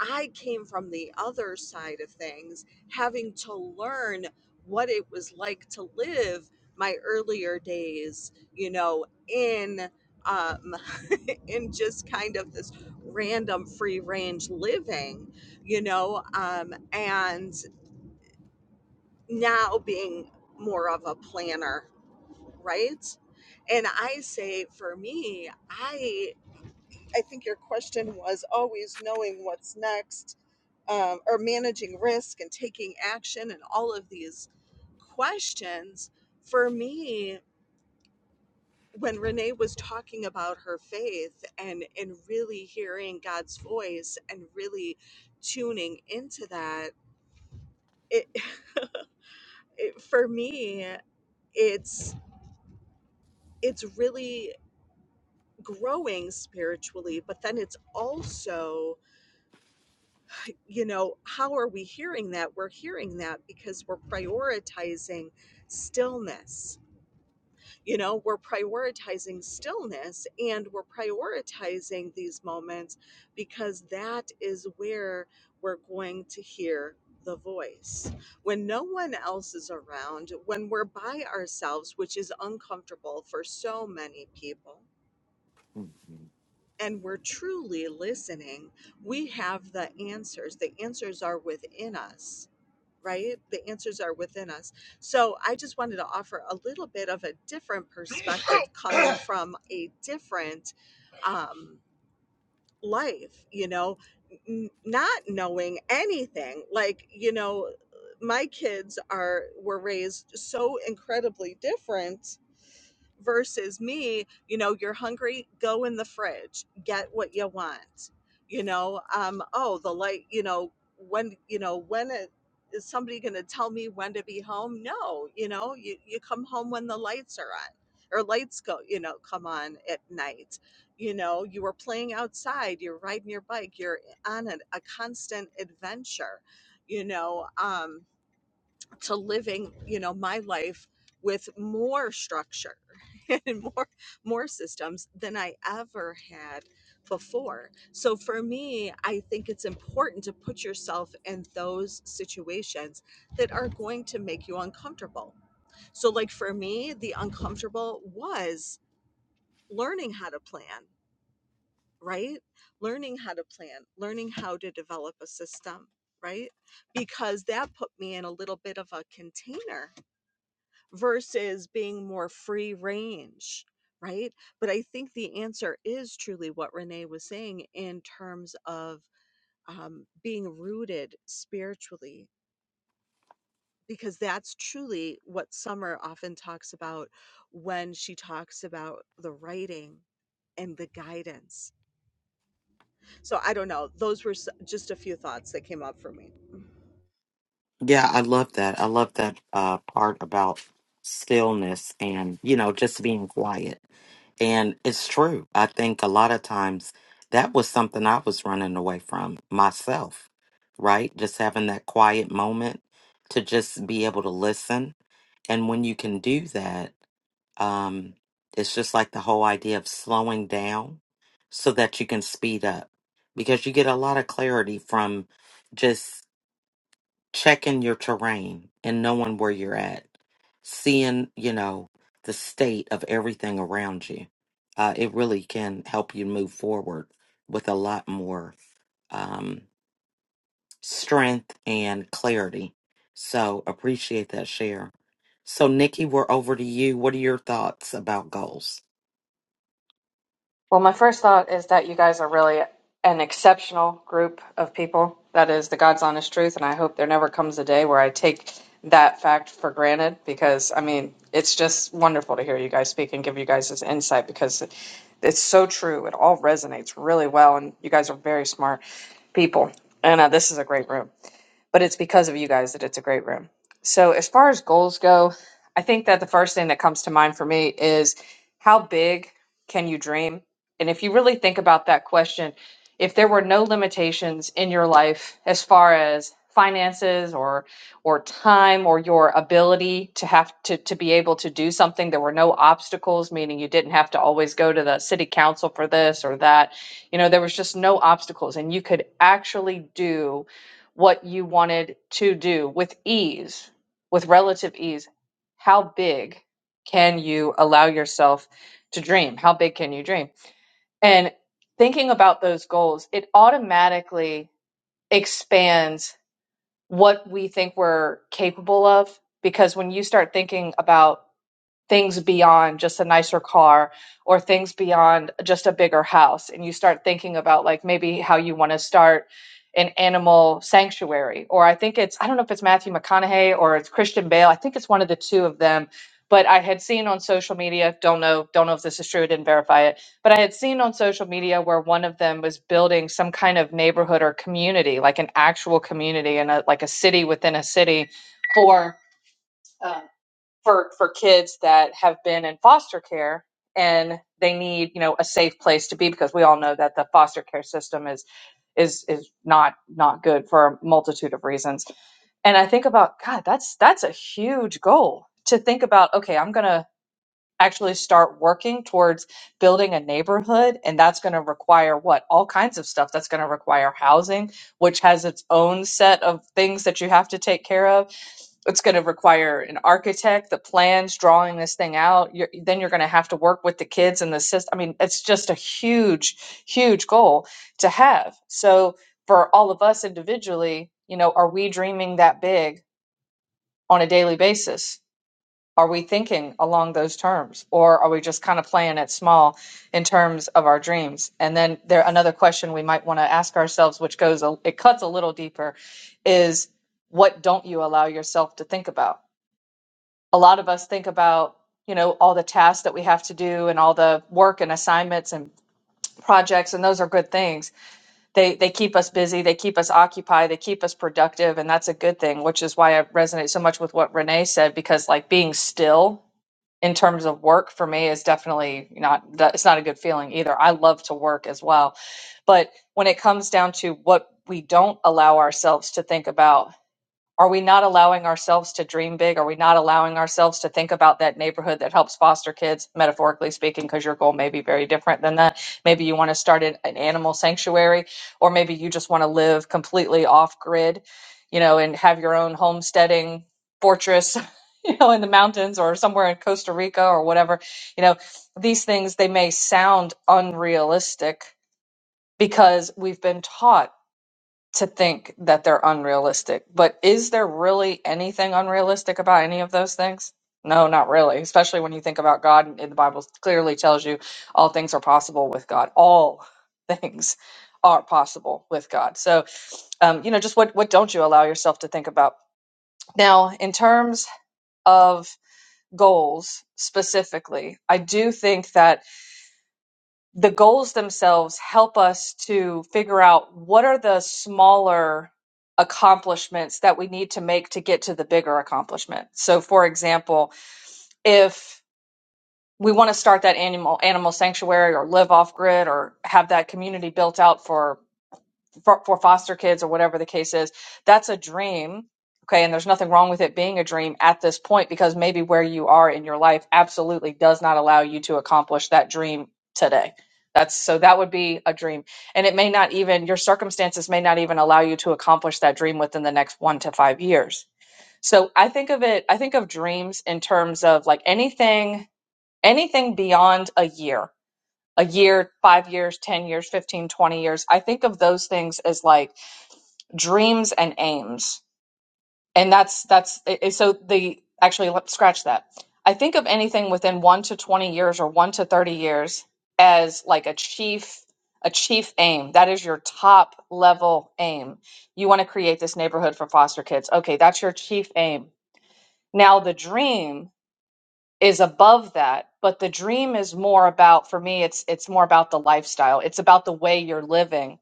[SPEAKER 4] i came from the other side of things having to learn what it was like to live my earlier days you know in um in just kind of this random free range living you know um and now being more of a planner, right? And I say for me, I I think your question was always knowing what's next um, or managing risk and taking action and all of these questions. For me, when Renee was talking about her faith and and really hearing God's voice and really tuning into that, it, it for me it's it's really growing spiritually, but then it's also, you know, how are we hearing that? We're hearing that because we're prioritizing stillness. You know, we're prioritizing stillness and we're prioritizing these moments because that is where we're going to hear the voice. When no one else is around, when we're by ourselves, which is uncomfortable for so many people
[SPEAKER 1] Mhm.
[SPEAKER 4] and we're truly listening, we have the answers. The answers are within us, right? The answers are within us. So I just wanted to offer a little bit of a different perspective coming from a different um, life, you know, n- not knowing anything. Like, you know, my kids are were raised so incredibly different versus me, you know, you're hungry, go in the fridge, get what you want. You know, um, oh, the light, you know, when, you know, when it, is somebody going to tell me when to be home? No, you know, you, you come home when the lights are on or lights go, you know, come on at night. You know, you were playing outside, you're riding your bike, you're on a, a constant adventure, you know. Um, to living you know my life with more structure and more more systems than i ever had before so for me i think it's important to put yourself in those situations that are going to make you uncomfortable so like for me the uncomfortable was learning how to plan right learning how to plan learning how to develop a system right because that put me in a little bit of a container versus being more free range, right? But I think the answer is truly what Renee was saying in terms of um, being rooted spiritually, because that's truly what Summer often talks about when she talks about the writing and the guidance. So I don't know. Those were s- just a few thoughts that came up for me. Mm.
[SPEAKER 1] Yeah, I love that. I love that uh, part about stillness and, you know, just being quiet. And it's true. I think a lot of times that was something I was running away from myself, right? Just having that quiet moment to just be able to listen. And when you can do that, Um, it's just like the whole idea of slowing down so that you can speed up because you get a lot of clarity from just checking your terrain and knowing where you're at, seeing, you know, the state of everything around you. Uh, it really can help you move forward with a lot more um, strength and clarity. So appreciate that share. So, Nikki, we're over to you. What are your thoughts about goals?
[SPEAKER 7] Well, my first thought is that you guys are really an exceptional group of people. That is the God's honest truth. And I hope there never comes a day where I take that fact for granted because, I mean, it's just wonderful to hear you guys speak and give you guys this insight because it- it's so true. It all resonates really well. And you guys are very smart people. And uh, this is a great room but it's because of you guys that it's a great room. So, as far as goals go, I think that the first thing that comes to mind for me is how big can you dream? And if you really think about that question, if there were no limitations in your life as far as finances or or time or your ability to have to to be able to do something there were no obstacles meaning you didn't have to always go to the city council for this or that you know there was just no obstacles and you could actually do what you wanted to do with ease, with relative ease, how big can you allow yourself to dream? How big can you dream? And thinking about those goals, it automatically expands what we think we're capable of. Because when you start thinking about things beyond just a nicer car or things beyond just a bigger house and you start thinking about like maybe how you want to start an animal sanctuary or i think it's i don't know if it's matthew mcconaughey or it's christian bale i think it's one of the two of them but i had seen on social media don't know don't know if this is true didn't verify it but i had seen on social media where one of them was building some kind of neighborhood or community like an actual community and a, like a city within a city for uh, for for kids that have been in foster care and they need you know a safe place to be because we all know that the foster care system is is is not not good for a multitude of reasons and i think about god that's that's a huge goal to think about okay i'm gonna actually start working towards building a neighborhood and that's going to require what all kinds of stuff that's going to require housing which has its own set of things that you have to take care of it's going to require an architect the plans drawing this thing out you're, then you're going to have to work with the kids and the system i mean it's just a huge huge goal to have so for all of us individually you know are we dreaming that big on a daily basis are we thinking along those terms, or are we just kind of playing it small in terms of our dreams? And then there another question we might want to ask ourselves, which goes a, it cuts a little deeper, is what don't you allow yourself to think about? A lot of us think about you know all the tasks that we have to do and all the work and assignments and projects, and those are good things they they keep us busy, they keep us occupied, they keep us productive, and that's a good thing, which is why I resonate so much with what Renee said because like being still in terms of work for me is definitely not that it's not a good feeling either. I love to work as well. But when it comes down to what we don't allow ourselves to think about are we not allowing ourselves to dream big? Are we not allowing ourselves to think about that neighborhood that helps foster kids, metaphorically speaking, because your goal may be very different than that? Maybe you want to start an an animal sanctuary, or maybe you just want to live completely off grid, you know, and have your own homesteading fortress, you know, in the mountains or somewhere in Costa Rica or whatever. You know, these things, they may sound unrealistic because we've been taught to think that they're unrealistic. But is there really anything unrealistic about any of those things? No, not really. Especially when you think about God, and the Bible clearly tells you all things are possible with God. All things are possible with God. So, um, you know, just what what don't you allow yourself to think about? Now, in terms of goals specifically, I do think that the goals themselves help us to figure out what are the smaller accomplishments that we need to make to get to the bigger accomplishment. So for example, if we want to start that animal animal sanctuary or live off grid or have that community built out for for, for foster kids or whatever the case is that's a dream okay and there's nothing wrong with it being a dream at this point because maybe where you are in your life absolutely does not allow you to accomplish that dream today that's so that would be a dream and it may not even your circumstances may not even allow you to accomplish that dream within the next 1 to 5 years so i think of it i think of dreams in terms of like anything anything beyond a year a year 5 years 10 years 15, 20 years i think of those things as like dreams and aims and that's that's i- so the actually let's scratch that i think of anything within 1 to 20 years or 1 to 30 years as like a chief a chief aim that is your top level aim you want to create this neighborhood for foster kids okay that's your chief aim now the dream is above that but the dream is more about for me it's it's more about the lifestyle it's about the way you're living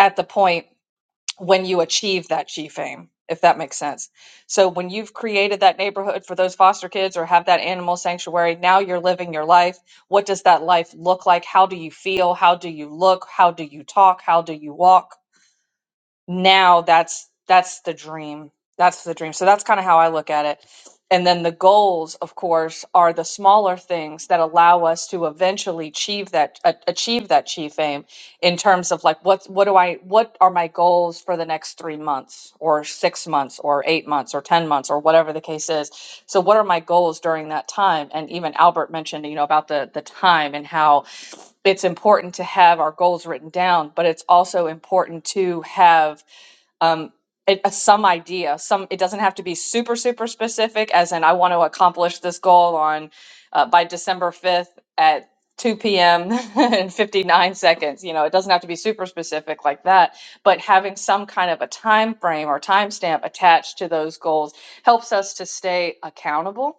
[SPEAKER 7] at the point when you achieve that G fame, if that makes sense. So when you've created that neighborhood for those foster kids or have that animal sanctuary, now you're living your life. What does that life look like? How do you feel? How do you look? How do you talk? How do you walk? now that's that's the dream that's the dream so that's kind of how i look at it and then the goals of course are the smaller things that allow us to eventually achieve that a- achieve that chief aim in terms of like what what do i what are my goals for the next 3 months or 6 months or 8 months or 10 months or whatever the case is so what are my goals during that time and even albert mentioned you know about the the time and how it's important to have our goals written down, but it's also important to have um, it, uh, some idea. Some it doesn't have to be super super specific, as in I want to accomplish this goal on uh, by December fifth at 2 p.m. and 59 seconds. You know, it doesn't have to be super specific like that, but having some kind of a time frame or timestamp attached to those goals helps us to stay accountable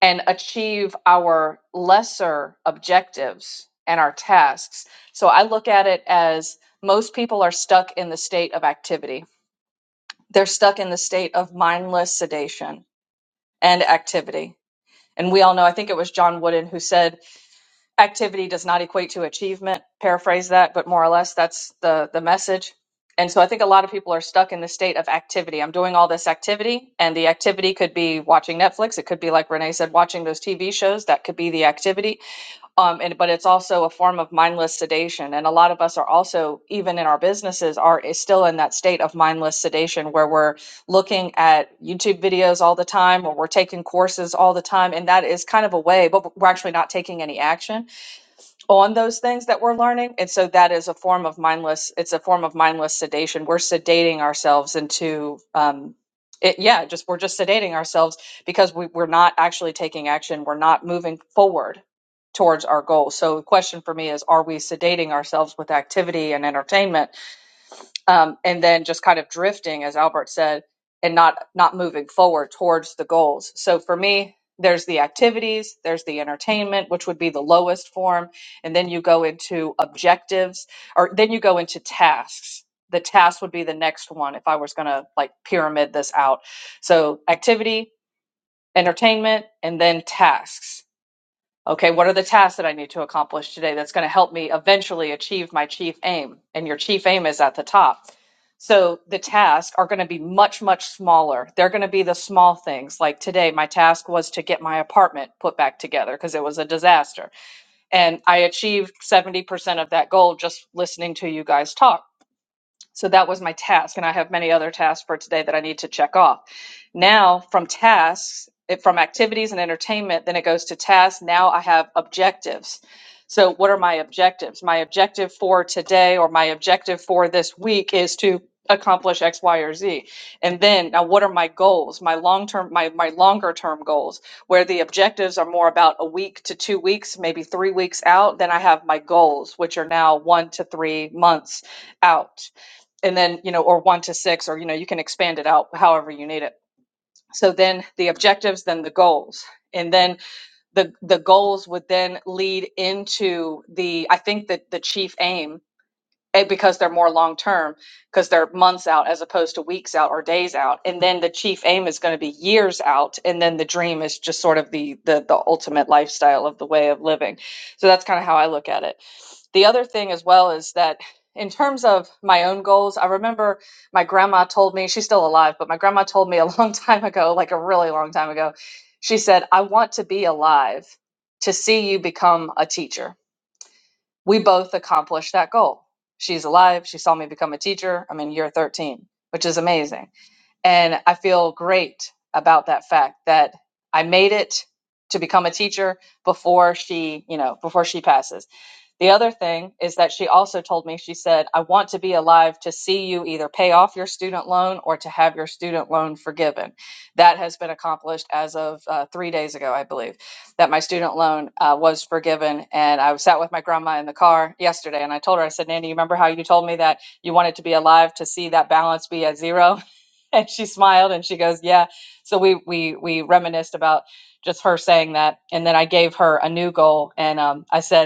[SPEAKER 7] and achieve our lesser objectives and our tasks. So I look at it as most people are stuck in the state of activity. They're stuck in the state of mindless sedation and activity. And we all know, I think it was John Wooden who said, activity does not equate to achievement paraphrase that but more or less that's the the message and so i think a lot of people are stuck in the state of activity i'm doing all this activity and the activity could be watching netflix it could be like renee said watching those tv shows that could be the activity um, and but it's also a form of mindless sedation and a lot of us are also even in our businesses are is still in that state of mindless sedation where we're looking at youtube videos all the time or we're taking courses all the time and that is kind of a way but we're actually not taking any action on those things that we're learning. And so that is a form of mindless, it's a form of mindless sedation. We're sedating ourselves into, um, it, yeah, just we're just sedating ourselves because we, we're not actually taking action. We're not moving forward towards our goal. So the question for me is, are we sedating ourselves with activity and entertainment um, and then just kind of drifting, as Albert said, and not not moving forward towards the goals. So for me, there's the activities, there's the entertainment, which would be the lowest form, and then you go into objectives, or then you go into tasks. The task would be the next one if I was going to like pyramid this out. So activity, entertainment, and then tasks Okay, what are the tasks that I need to accomplish today that's going to help me eventually achieve my chief aim? And your chief aim is at the top. So the tasks are going to be much, much smaller. They're going to be the small things. Like today, my task was to get my apartment put back together because it was a disaster. And I achieved 70% of that goal just listening to you guys talk so that was my task, and I have many other tasks for today that I need to check off. Now, from tasks, it, from activities and entertainment, then it goes to tasks. Now I have objectives. So, what are my objectives? My objective for today or my objective for this week is to accomplish X, Y, or Z. And then, now what are my goals? My long term, my, my longer term goals, where the objectives are more about a week to two weeks, maybe three weeks out. Then I have my goals, which are now one to three months out and then you know or one to six or you know you can expand it out however you need it so then the objectives then the goals and then the the goals would then lead into the i think that the chief aim eh, because they're more long term because they're months out as opposed to weeks out or days out and then the chief aim is going to be years out and then the dream is just sort of the the, the ultimate lifestyle of the way of living so that's kind of how i look at it the other thing as well is that in terms of my own goals i remember my grandma told me she's still alive but my grandma told me a long time ago like a really long time ago she said i want to be alive to see you become a teacher we both accomplished that goal. She's alive. She saw me become a teacher. I'm in year 13, which is amazing. And I feel great about that fact that I made it to become a teacher before she, you know, before she passes. The other thing is that she also told me, she said, I want to be alive to see you either pay off your student loan or to have your student loan forgiven. That has been accomplished as of uh, three days ago, I believe, that my student loan uh, was forgiven. And I sat with my grandma in the car yesterday and I told her, I said, Nanny, you remember how you told me that you wanted to be alive to see that balance be at zero? And she smiled and she goes, Yeah. So we we we reminisced about just her saying that. And then I gave her a new goal. And um, I said,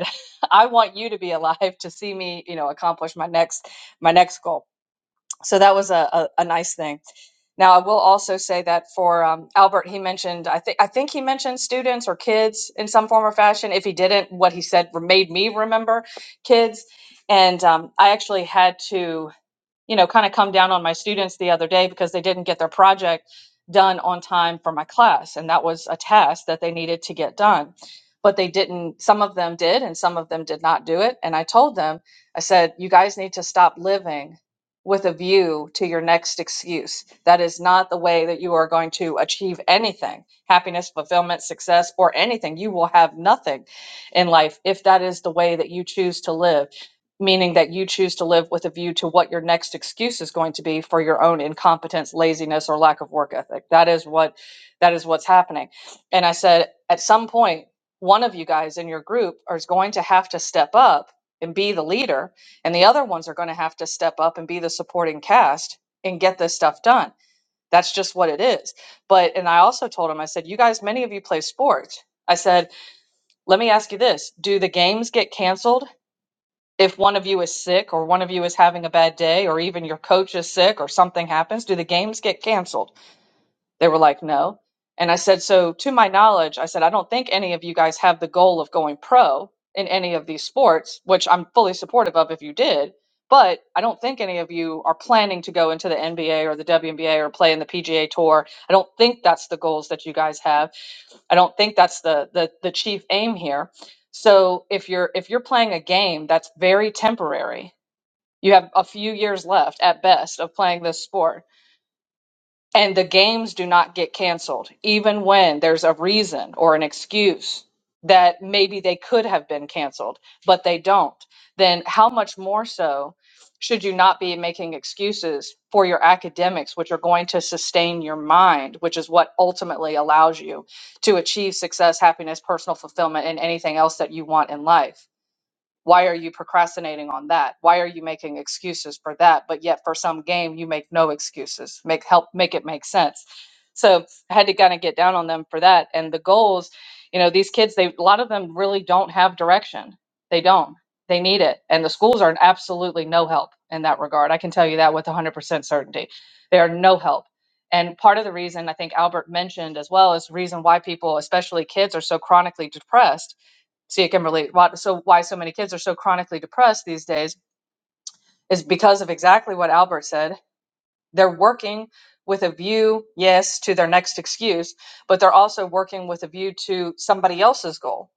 [SPEAKER 7] I want you to be alive to see me, you know, accomplish my next my next goal. So that was a, a, a nice thing. Now I will also say that for um, Albert, he mentioned I think I think he mentioned students or kids in some form or fashion. If he didn't, what he said made me remember kids, and um, I actually had to you know, kind of come down on my students the other day because they didn't get their project done on time for my class. And that was a task that they needed to get done. But they didn't, some of them did, and some of them did not do it. And I told them, I said, you guys need to stop living with a view to your next excuse. That is not the way that you are going to achieve anything happiness, fulfillment, success, or anything. You will have nothing in life if that is the way that you choose to live meaning that you choose to live with a view to what your next excuse is going to be for your own incompetence, laziness, or lack of work ethic. That is what that is what's happening. And I said, at some point, one of you guys in your group is going to have to step up and be the leader, and the other ones are going to have to step up and be the supporting cast and get this stuff done. That's just what it is. But and I also told him, I said, you guys, many of you play sports. I said, let me ask you this: Do the games get canceled? if one of you is sick or one of you is having a bad day or even your coach is sick or something happens, do the games get canceled? They were like, no. And I said, so to my knowledge, I said, I don't think any of you guys have the goal of going pro in any of these sports, which I'm fully supportive of if you did. But I don't think any of you are planning to go into the NBA or the WNBA or play in the PGA Tour. I don't think that's the goals that you guys have I don't think that's the the the chief aim here. So if you're if you're playing a game that's very temporary, you have a few years left at best of playing this sport and the games do not get canceled, even when there's a reason or an excuse that maybe they could have been canceled, but they don't. Then, how much more so should you not be making excuses for your academics, which are going to sustain your mind, which is what ultimately allows you to achieve success, happiness, personal fulfillment, and anything else that you want in life? Why are you procrastinating on that? Why are you making excuses for that? But yet for some game you make no excuses. Make help make it make sense. So I had to kind of get down on them for that. And the goals, you know, these kids, they a lot of them really don't have direction. They don't. They need it. And the schools are absolutely no help in that regard. I can tell you that with 100% certainty. They are no help. And part of the reason I think Albert mentioned as well is the reason why people, especially kids, are so chronically depressed so you can relate. Why, so why so many kids are so chronically depressed these days is because of exactly what Albert said. They're working with a view, yes, to their next excuse, but they're also working with a view to somebody else's goal,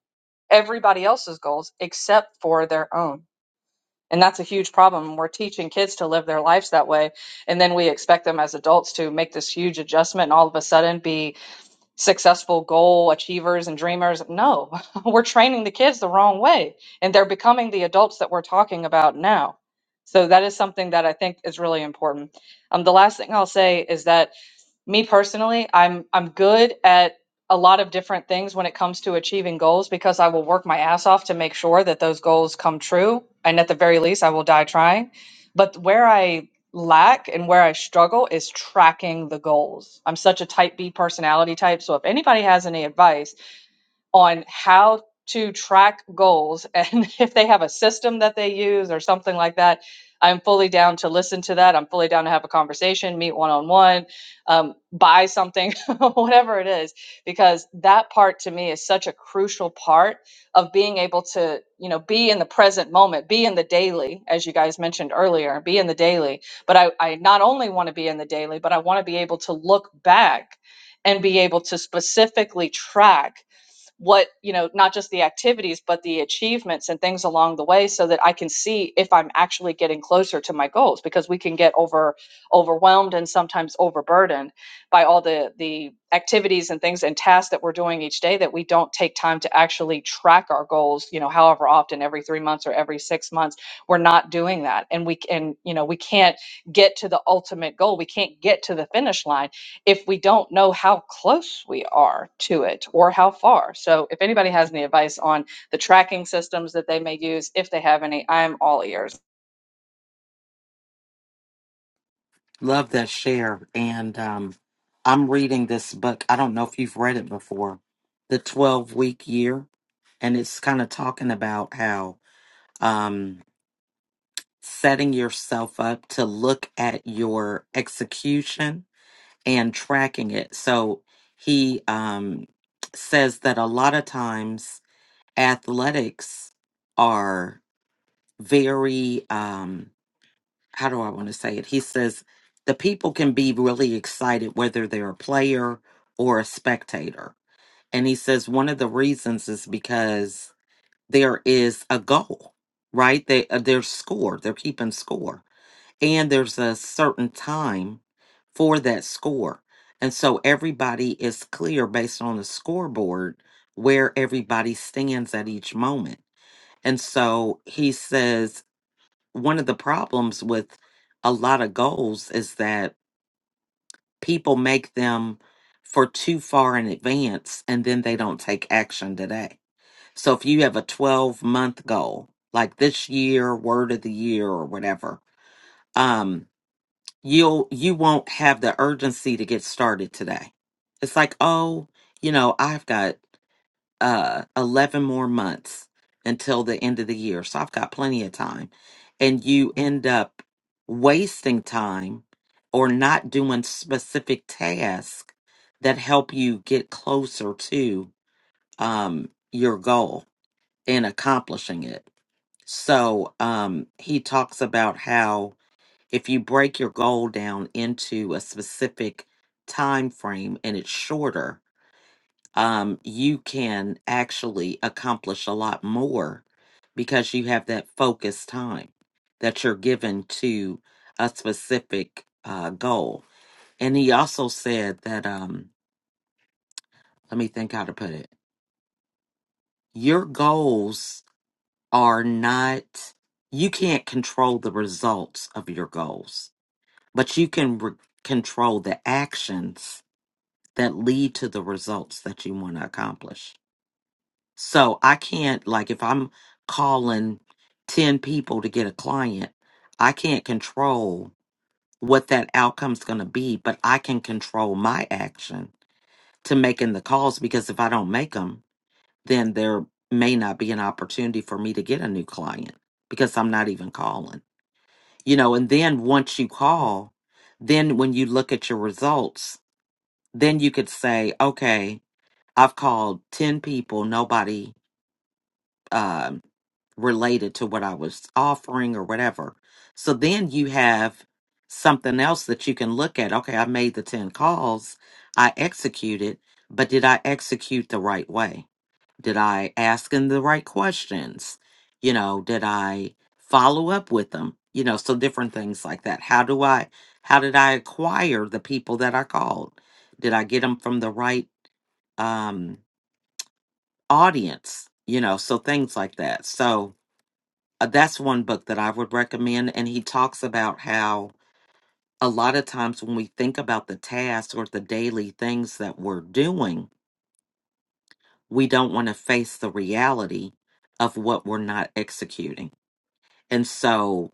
[SPEAKER 7] everybody else's goals except for their own. And that's a huge problem. We're teaching kids to live their lives that way. And then we expect them as adults to make this huge adjustment and all of a sudden be successful goal achievers and dreamers. No, we're training the kids the wrong way, and they're becoming the adults that we're talking about now. So that is something that I think is really important. Um, the last thing I'll say is that me personally, I'm I'm good at a lot of different things when it comes to achieving goals because I will work my ass off to make sure that those goals come true and at the very least I will die trying. But where I lack and where I struggle is tracking the goals. I'm such a type B personality type, so if anybody has any advice on how to track goals and if they have a system that they use or something like that i'm fully down to listen to that i'm fully down to have a conversation meet one-on-one um, buy something whatever it is because that part to me is such a crucial part of being able to you know be in the present moment be in the daily as you guys mentioned earlier be in the daily but i, I not only want to be in the daily but i want to be able to look back and be able to specifically track what you know not just the activities but the achievements and things along the way so that i can see if i'm actually getting closer to my goals because we can get over overwhelmed and sometimes overburdened by all the the activities and things and tasks that we're doing each day that we don't take time to actually track our goals you know however often every 3 months or every 6 months we're not doing that and we can you know we can't get to the ultimate goal we can't get to the finish line if we don't know how close we are to it or how far. So, if anybody has any advice on the tracking systems that they may use, if they have any, I'm all ears.
[SPEAKER 1] Love that share. And um, I'm reading this book. I don't know if you've read it before, The 12 Week Year. And it's kind of talking about how um, setting yourself up to look at your execution and tracking it. So he um, says that a lot of times athletics are very. Um, how do I want to say it? He says the people can be really excited whether they're a player or a spectator. And he says one of the reasons is because there is a goal, right? They uh, there's score, they're keeping score, and there's a certain time for that score. And so everybody is clear based on the scoreboard where everybody stands at each moment. And so he says one of the problems with a lot of goals is that people make them for too far in advance and then they don't take action today. So if you have a 12 month goal, like this year, word of the year or whatever, um, you'll you won't have the urgency to get started today. It's like, oh, you know, I've got uh 11 more months until the end of the year so i've got plenty of time and you end up wasting time or not doing specific tasks that help you get closer to um your goal and accomplishing it so um he talks about how if you break your goal down into a specific time frame and it's shorter um, you can actually accomplish a lot more because you have that focused time that you're given to a specific uh, goal. And he also said that, um, let me think how to put it your goals are not, you can't control the results of your goals, but you can re- control the actions that lead to the results that you want to accomplish. So I can't like if I'm calling 10 people to get a client, I can't control what that outcome's going to be, but I can control my action to making the calls because if I don't make them, then there may not be an opportunity for me to get a new client because I'm not even calling. You know, and then once you call, then when you look at your results, then you could say, okay, I've called 10 people, nobody um related to what I was offering or whatever. So then you have something else that you can look at. Okay, I made the 10 calls, I executed, but did I execute the right way? Did I ask them the right questions? You know, did I follow up with them? You know, so different things like that. How do I, how did I acquire the people that I called? Did I get them from the right um, audience? You know, so things like that. So, uh, that's one book that I would recommend. And he talks about how a lot of times when we think about the tasks or the daily things that we're doing, we don't want to face the reality of what we're not executing. And so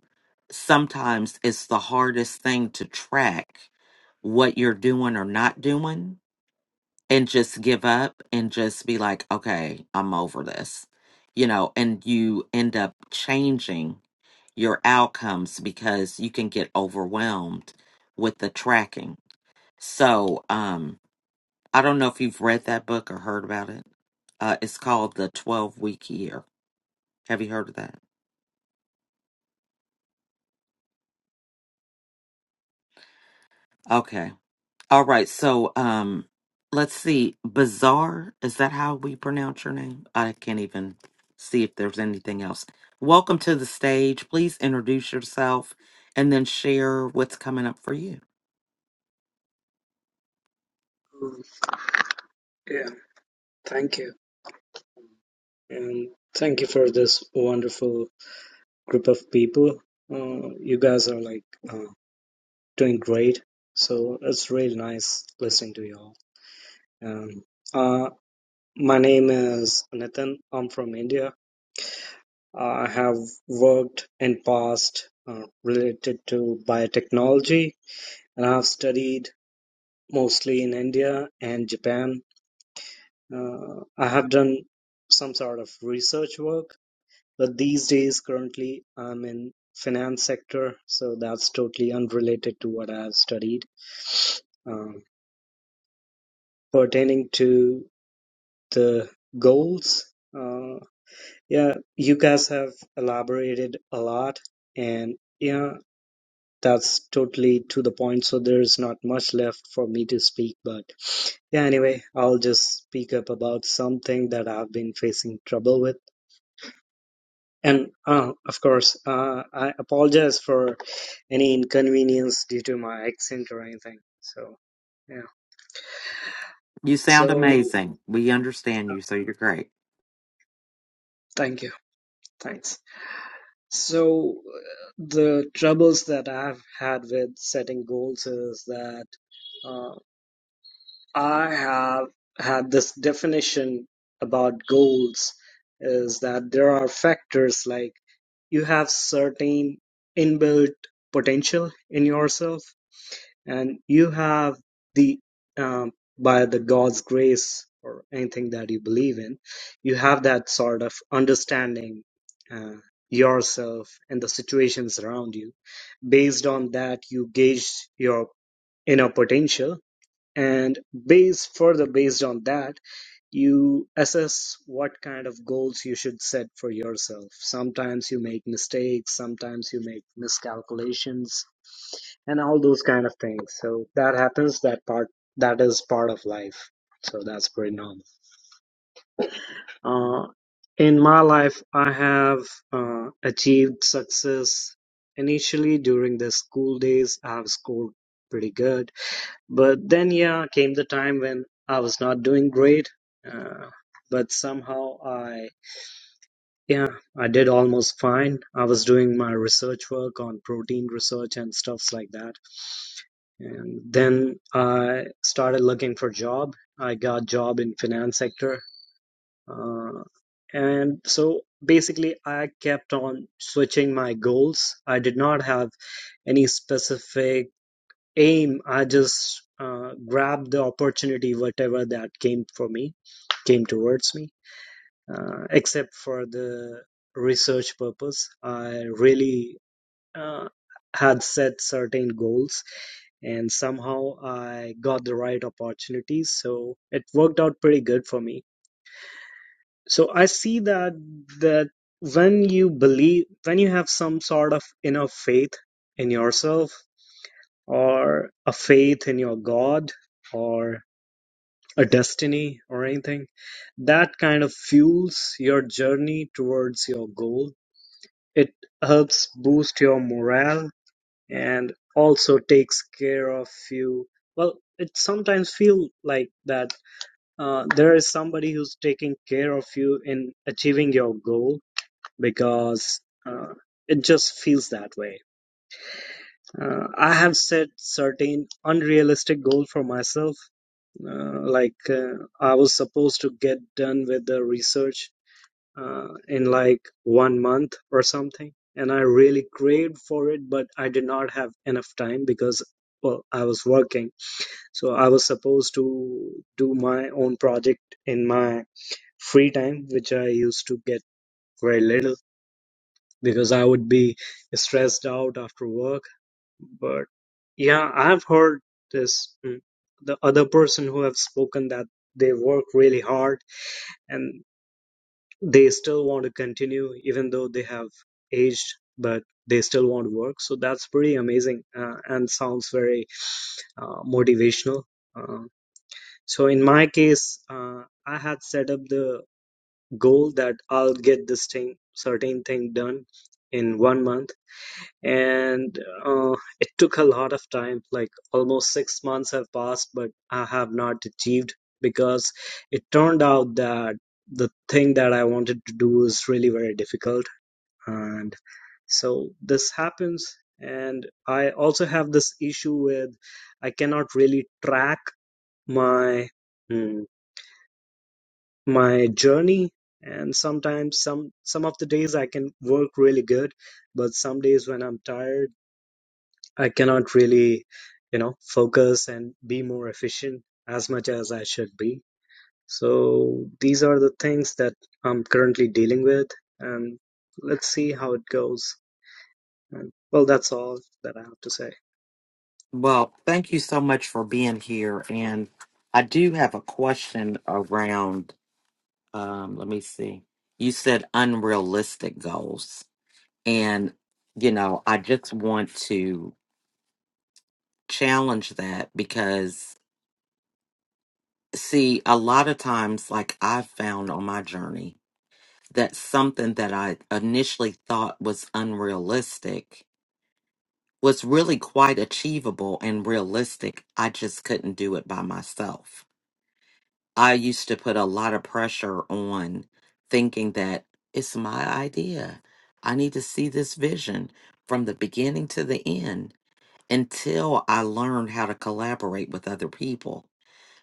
[SPEAKER 1] sometimes it's the hardest thing to track what you're doing or not doing and just give up and just be like, okay, I'm over this, you know, and you end up changing your outcomes because you can get overwhelmed with the tracking. So, um, I don't know if you've read that book or heard about it. Uh, it's called The 12 Week Year. Have you heard of that? Okay. All right. So, um, let's see. Bizarre, is that how we pronounce your name? I can't even see if there's anything else. Welcome to the stage. Please introduce yourself and then share what's coming up for you.
[SPEAKER 8] Mm, Yeah, thank you. And thank you for this wonderful group of people. Uh, you guys are like uh, doing great. So it's really nice listening to you all. Um, uh, my name is Nathan. I'm from India. Uh, I have worked in past uh, related to biotechnology and I have studied mostly in India and Japan. Uh, I have done some sort of research work But these days currently I'm in finance sector, so that's totally unrelated to what I've studied. Um, pertaining to the goals, uh, yeah, you guys have elaborated a lot, and yeah, that's totally to the point. So there's not much left for me to speak, but yeah, anyway, I'll just speak up about something that I've been facing trouble with. And uh, of course, uh, I apologize for any inconvenience due to my accent or anything. So, yeah.
[SPEAKER 1] You sound
[SPEAKER 8] So,
[SPEAKER 1] amazing. We understand you, so you're great.
[SPEAKER 8] thank you. Thanks. So, uh, the troubles that I've had with setting goals is that uh, I have had this definition about goals is that there are factors like you have certain inbuilt potential in yourself and you have the um, by the God's grace or anything that you believe in, you have that sort of understanding uh, yourself and the situations around you. Based on that, you gauge your inner potential and base further based on that you assess what kind of goals you should set for yourself sometimes you make mistakes sometimes you make miscalculations and all those kind of things so that happens that part that is part of life so that's pretty normal uh, in my life i have uh, achieved success initially during the school days i have scored pretty good but then, yeah, came the time when I was not doing great, uh, but somehow I, yeah, I did almost fine. I was doing my research work on protein research and stuffs like that. And then I started looking for job. I got job in finance sector. Uh, and so basically I kept on switching my goals. I did not have any specific aim, I just uh, grabbed the opportunity, whatever that came for me, came towards me. Uh, except for the research purpose, I really uh, had set certain goals, and somehow I got the right opportunities, so it worked out pretty good for me. So I see that that when you believe, when you have some sort of inner faith in yourself or a faith in your God, or a destiny or anything that kind of fuels your journey towards your goal it helps boost your morale and also takes care of you well it sometimes feel like that uh, there is somebody who's taking care of you in achieving your goal because uh, it just feels that way uh, i have set certain unrealistic goal for myself Uh, like uh, I was supposed to get done with the research uh, in like one month or something, and I really craved for it, but I did not have enough time because well I was working, so I was supposed to do my own project in my free time, which I used to get very little because I would be stressed out after work but yeah, I've heard this mm, the other person who have spoken that they work really hard and they still want to continue even though they have aged, but they still want to work. So that's pretty amazing uh, and sounds very uh, motivational. Uh, so in my case, uh, I had set up the goal that I'll get this thing, certain thing done in one month and uh, it took a lot of time like almost six months have passed but i have not achieved because it turned out that the thing that i wanted to do is really very difficult and so this happens and i also have this issue with i cannot really track my mm, my journey and sometimes some some of the days i can work really good but some days when i'm tired I cannot really, you know, focus and be more efficient as much as I should be. So these are the things that I'm currently dealing with, and let's see how it goes. And well, that's all that I have to say.
[SPEAKER 1] Well, thank you so much for being here. And I do have a question around, um, let me see. You said unrealistic goals. And, you know, I just want to challenge that because, see, a lot of times, like I've found on my journey, that something that I initially thought was unrealistic was really quite achievable and realistic. I just couldn't do it by myself. I used to put a lot of pressure on thinking that it's my idea. I need to see this vision from the beginning to the end until I learned how to collaborate with other people.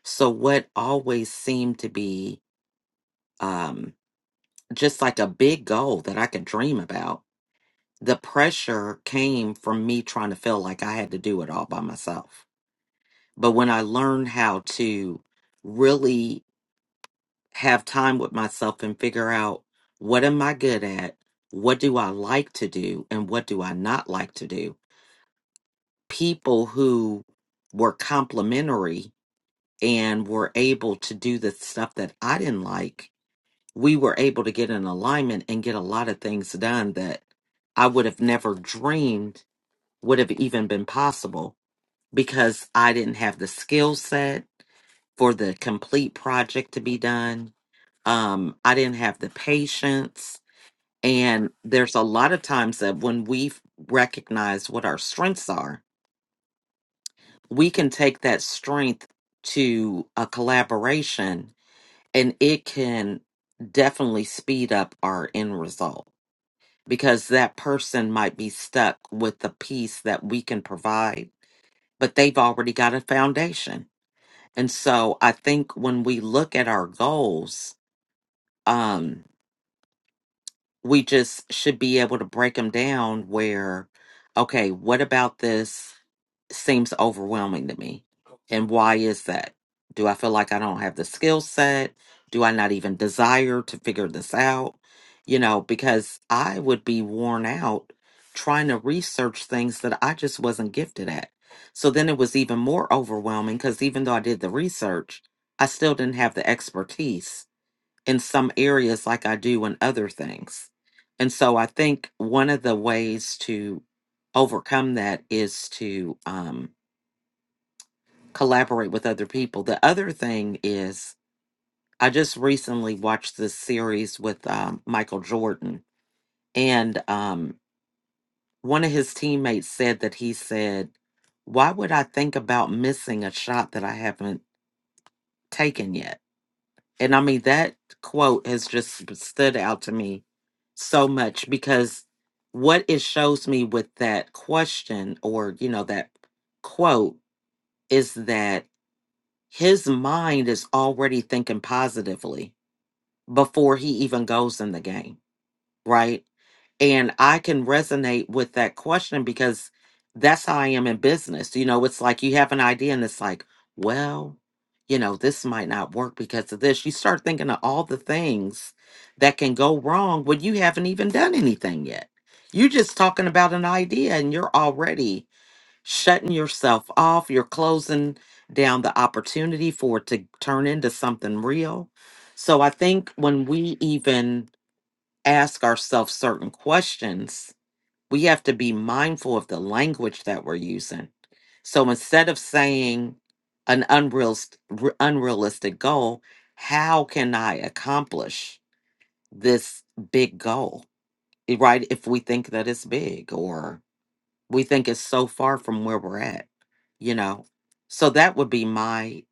[SPEAKER 1] So, what always seemed to be um, just like a big goal that I could dream about, the pressure came from me trying to feel like I had to do it all by myself. But when I learned how to really have time with myself and figure out what am I good at? What do I like to do? And what do I not like to do? People who were complimentary and were able to do the stuff that I didn't like, we were able to get in alignment and get a lot of things done that I would have never dreamed would have even been possible because I didn't have the skill set for the complete project to be done. Um, I didn't have the patience And there's a lot of times that when we recognize what our strengths are, we can take that strength to a collaboration and it can definitely speed up our end result because that person might be stuck with the piece that we can provide, but they've already got a foundation. And so I think when we look at our goals, um, we just should be able to break them down where okay what about this seems overwhelming to me and why is that do i feel like i don't have the skill set do i not even desire to figure this out you know because i would be worn out trying to research things that i just wasn't gifted at so then it was even more overwhelming because even though i did the research i still didn't have the expertise in some areas like I do in other things. And so I think one of the ways to overcome that is to um, collaborate with other people. The other thing is, I just recently watched this series with um, Michael Jordan, and um, one of his teammates said that he said, Why would I think about missing a shot that I haven't taken yet? And I mean, that quote has just stood out to me so much because what it shows me with that question or, you know, that quote is that his mind is already thinking positively before he even goes in the game, right? And I can resonate with that question because that's how I am in business. You know, it's like you have an idea and it's like, well, you know, this might not work because of this. You start thinking of all the things that can go wrong when you haven't even done anything yet. You're just talking about an idea and you're already shutting yourself off. You're closing down the opportunity for it to turn into something real. So I think when we even ask ourselves certain questions, we have to be mindful of the language that we're using. So instead of saying an unreal, unrealistic goal, how can I accomplish this big goal? Eh, Right? If we think that it's big or we think it's so far from where we're at, you know? So that would be my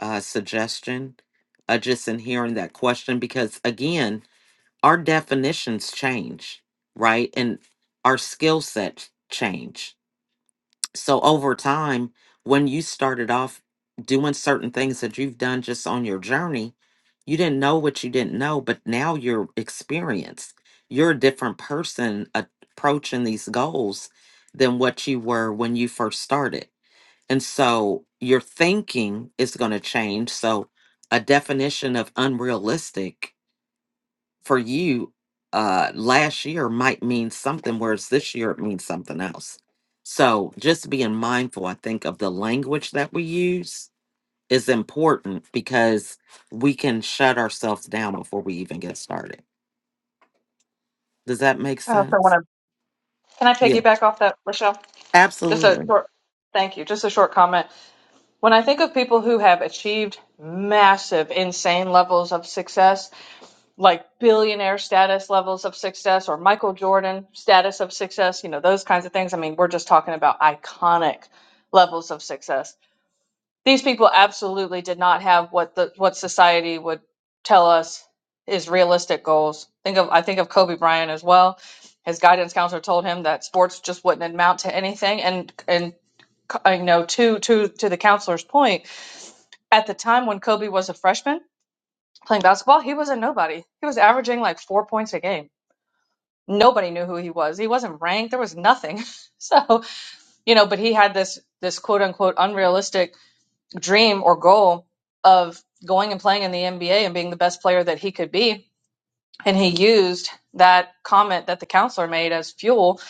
[SPEAKER 1] uh, suggestion uh, just in hearing that question, because again, our definitions change, right? And our skill sets change. So over time, when you started off doing certain things that you've done just on your journey, you didn't know what you didn't know, but now you're experienced. You're a different person approaching these goals than what you were when you first started. And so your thinking is going to change. So a definition of unrealistic for you uh last year might mean something whereas this year it means something else so just being mindful i think of the language that we use is important because we can shut ourselves down before we even get started does that make
[SPEAKER 7] I also want
[SPEAKER 1] sense
[SPEAKER 7] to. Can I
[SPEAKER 1] yeah
[SPEAKER 7] piggyback off that, Rochelle? Just a
[SPEAKER 1] absolutely
[SPEAKER 7] short. Thank you. Just a short comment. When I think of people who have achieved massive, insane levels of success, like billionaire status levels of success or Michael Jordan status of success, you know, those kinds of things. I mean, we're just talking about iconic levels of success these people absolutely did not have what the what society would tell us is realistic goals. Think of I think of Kobe Bryant as well. His guidance counselor told him that sports just wouldn't amount to anything, and and uh, you know to to to the counselor's point, at the time when Kobe was a freshman playing basketball, he was a nobody. He was averaging like four points a game. Nobody knew who he was. He wasn't ranked. There was nothing. So you know, but he had this this quote unquote unrealistic dream or goal of going and playing in the NBA and being the best player that he could be. And he used that comment that the counselor made as fuel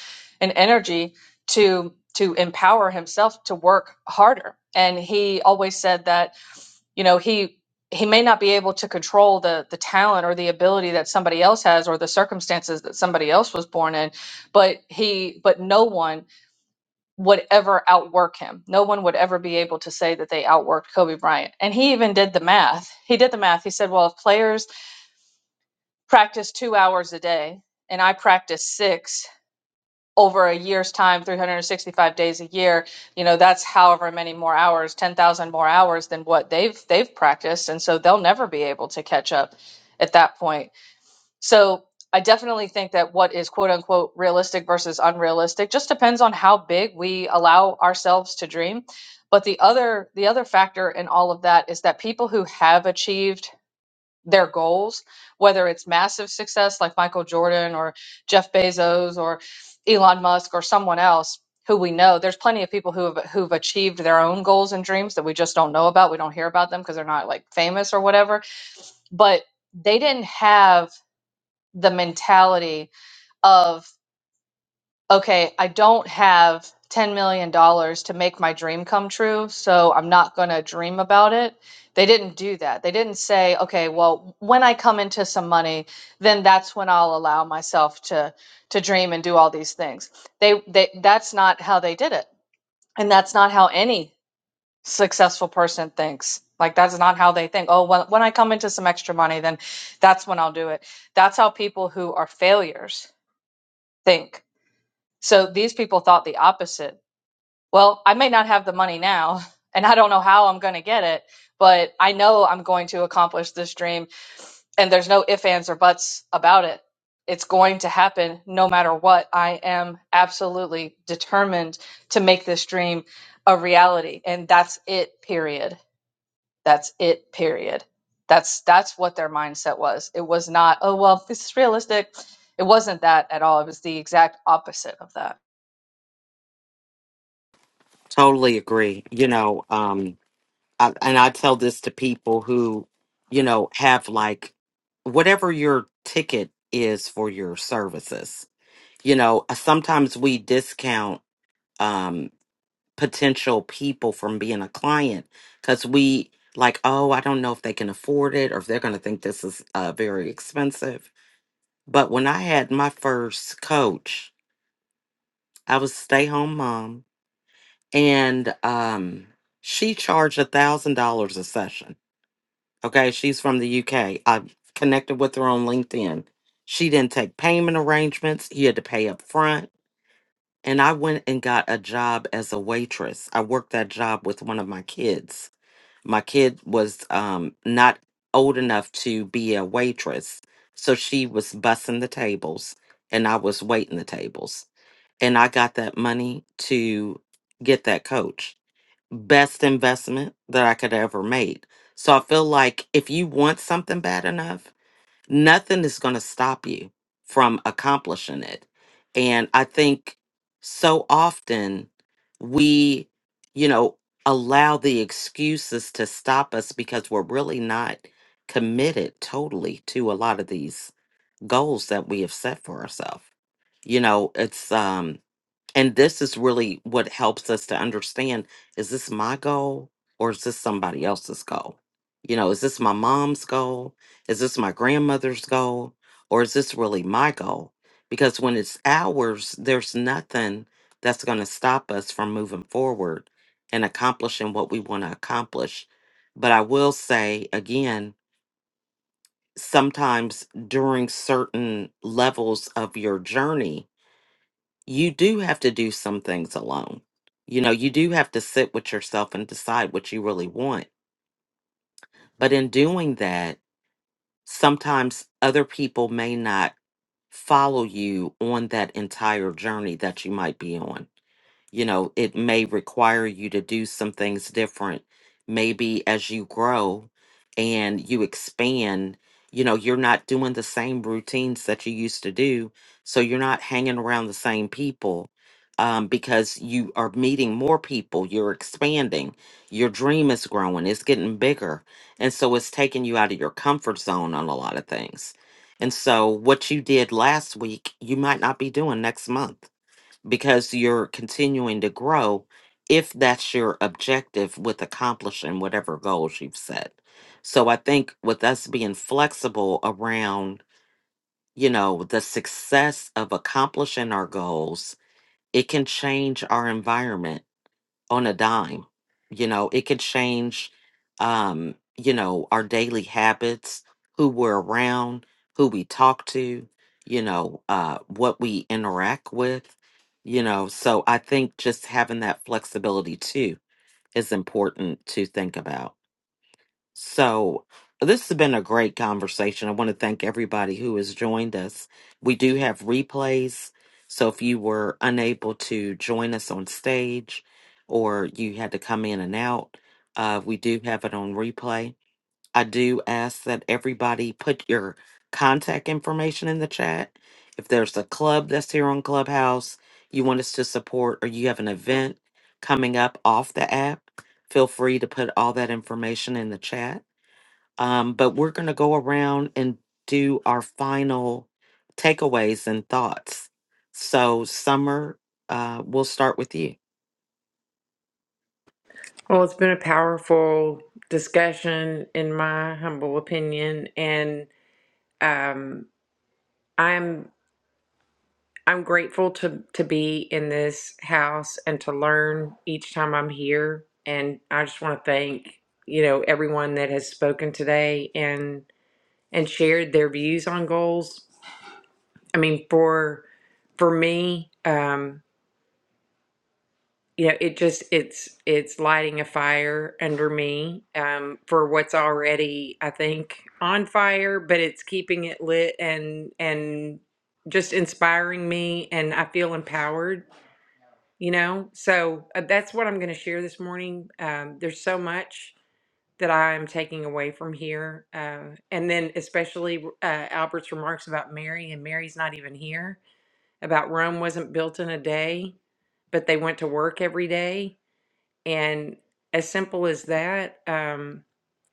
[SPEAKER 7] and energy to to empower himself to work harder. And he always said that, you know, he he may not be able to control the the talent or the ability that somebody else has or the circumstances that somebody else was born in, but he but no one would ever outwork him. No one would ever be able to say that they outworked Kobe Bryant. And he even did the math. He did the math. He said, well, if players practice two hours a day and I practice six over a year's time, 365 days a year, you know, that's however many more hours, 10,000 more hours than what they've they've practiced. And so they'll never be able to catch up at that point so I definitely think that what is quote unquote realistic versus unrealistic just depends on how big we allow ourselves to dream. But the other the other factor in all of that is that people who have achieved their goals, whether it's massive success like Michael Jordan or Jeff Bezos or Elon Musk or someone else who we know, there's plenty of people who have who've achieved their own goals and dreams that we just don't know about. We don't hear about them because they're not like famous or whatever. But they didn't have the mentality of okay i don't have 10 million dollars to make my dream come true so i'm not going to dream about it they didn't do that they didn't say okay well when i come into some money then that's when i'll allow myself to to dream and do all these things they they that's not how they did it and that's not how any successful person thinks like that's not how they think oh well, when i come into some extra money then that's when i'll do it that's how people who are failures think. So these people thought the opposite. Well, I may not have the money now, and I don't know how I'm going to get it, but I know I'm going to accomplish this dream, and there's no ifs, ands, or buts about it. It's going to happen no matter what. I am absolutely determined to make this dream a reality, and that's it, period. That's it, period. That's that's what their mindset was. It was not, oh well, this is realistic. It wasn't that at all. It was the exact opposite of that.
[SPEAKER 1] totally agree you know um I, and i tell this to people who you know have like whatever your ticket is for your services you know, uh, sometimes we discount um potential people from being a client cuz we like, oh, I don't know if they can afford it or if they're going to think this is uh very expensive. But when I had my first coach, I was a stay-home mom and um she charged a $1000 a session. Okay, she's from the UK. I connected with her on LinkedIn. She didn't take payment arrangements. You had to pay up front and I went and got a job as a waitress. I worked that job with one of my kids. My kid was um, not old enough to be a waitress, so she was bussing the tables, and I was waiting the tables. And I got that money to get that coach. Best investment that I could ever made. So I feel like if you want something bad enough, nothing is going to stop you from accomplishing it. And I think so often we, you know, allow the excuses to stop us because we're really not committed totally to a lot of these goals that we have set for ourselves. You know, it's um and this is really what helps us to understand is this my goal or is this somebody else's goal? You know, is this my mom's goal? Is this my grandmother's goal? Or is this really my goal? Because when it's ours, there's nothing that's going to stop us from moving forward and accomplishing what we want to accomplish. But I will say again, sometimes during certain levels of your journey, you do have to do some things alone. You know, you do have to sit with yourself and decide what you really want. But in doing that, sometimes other people may not follow you on that entire journey that you might be on you know, it may require you to do some things different. Maybe as you grow and you expand, you know, you're not doing the same routines that you used to do. So you're not hanging around the same people um, because you are meeting more people, you're expanding, your dream is growing, it's getting bigger. And so it's taking you out of your comfort zone on a lot of things. And so what you did last week, you might not be doing next month because you're continuing to grow if that's your objective with accomplishing whatever goals you've set. So I think with us being flexible around, you know, the success of accomplishing our goals, it can change our environment on a dime. You know, it could change, um, you know, our daily habits, who we're around, who we talk to, you know, uh, what we interact with, you know. So I think just having that flexibility too is important to think about. So, this has been a great conversation. I want to thank everybody who has joined us. We do have replays. So, if you were unable to join us on stage or you had to come in and out, uh, we do have it on replay. I do ask that everybody put your contact information in the chat. If there's a club that's here on Clubhouse you want us to support or you have an event coming up off the app, feel free to put all that information in the chat um, but we're going to go around and do our final takeaways and thoughts. So, Summer, uh, we'll start with you.
[SPEAKER 2] Well, it's been a powerful discussion, in my humble opinion, and um, I'm I'm grateful to to be in this house and to learn each time I'm here. And I just want to thank you know everyone that has spoken today and and shared their views on goals. I mean, for for me, um, you know, it just it's it's lighting a fire under me um, for what's already I think on fire, but it's keeping it lit and and just inspiring me, and I feel empowered you know so uh, that's what i'm going to share this morning um, there's so much that i'm taking away from here uh, and then especially uh, albert's remarks about mary and mary's not even here about rome wasn't built in a day but they went to work every day and as simple as that um,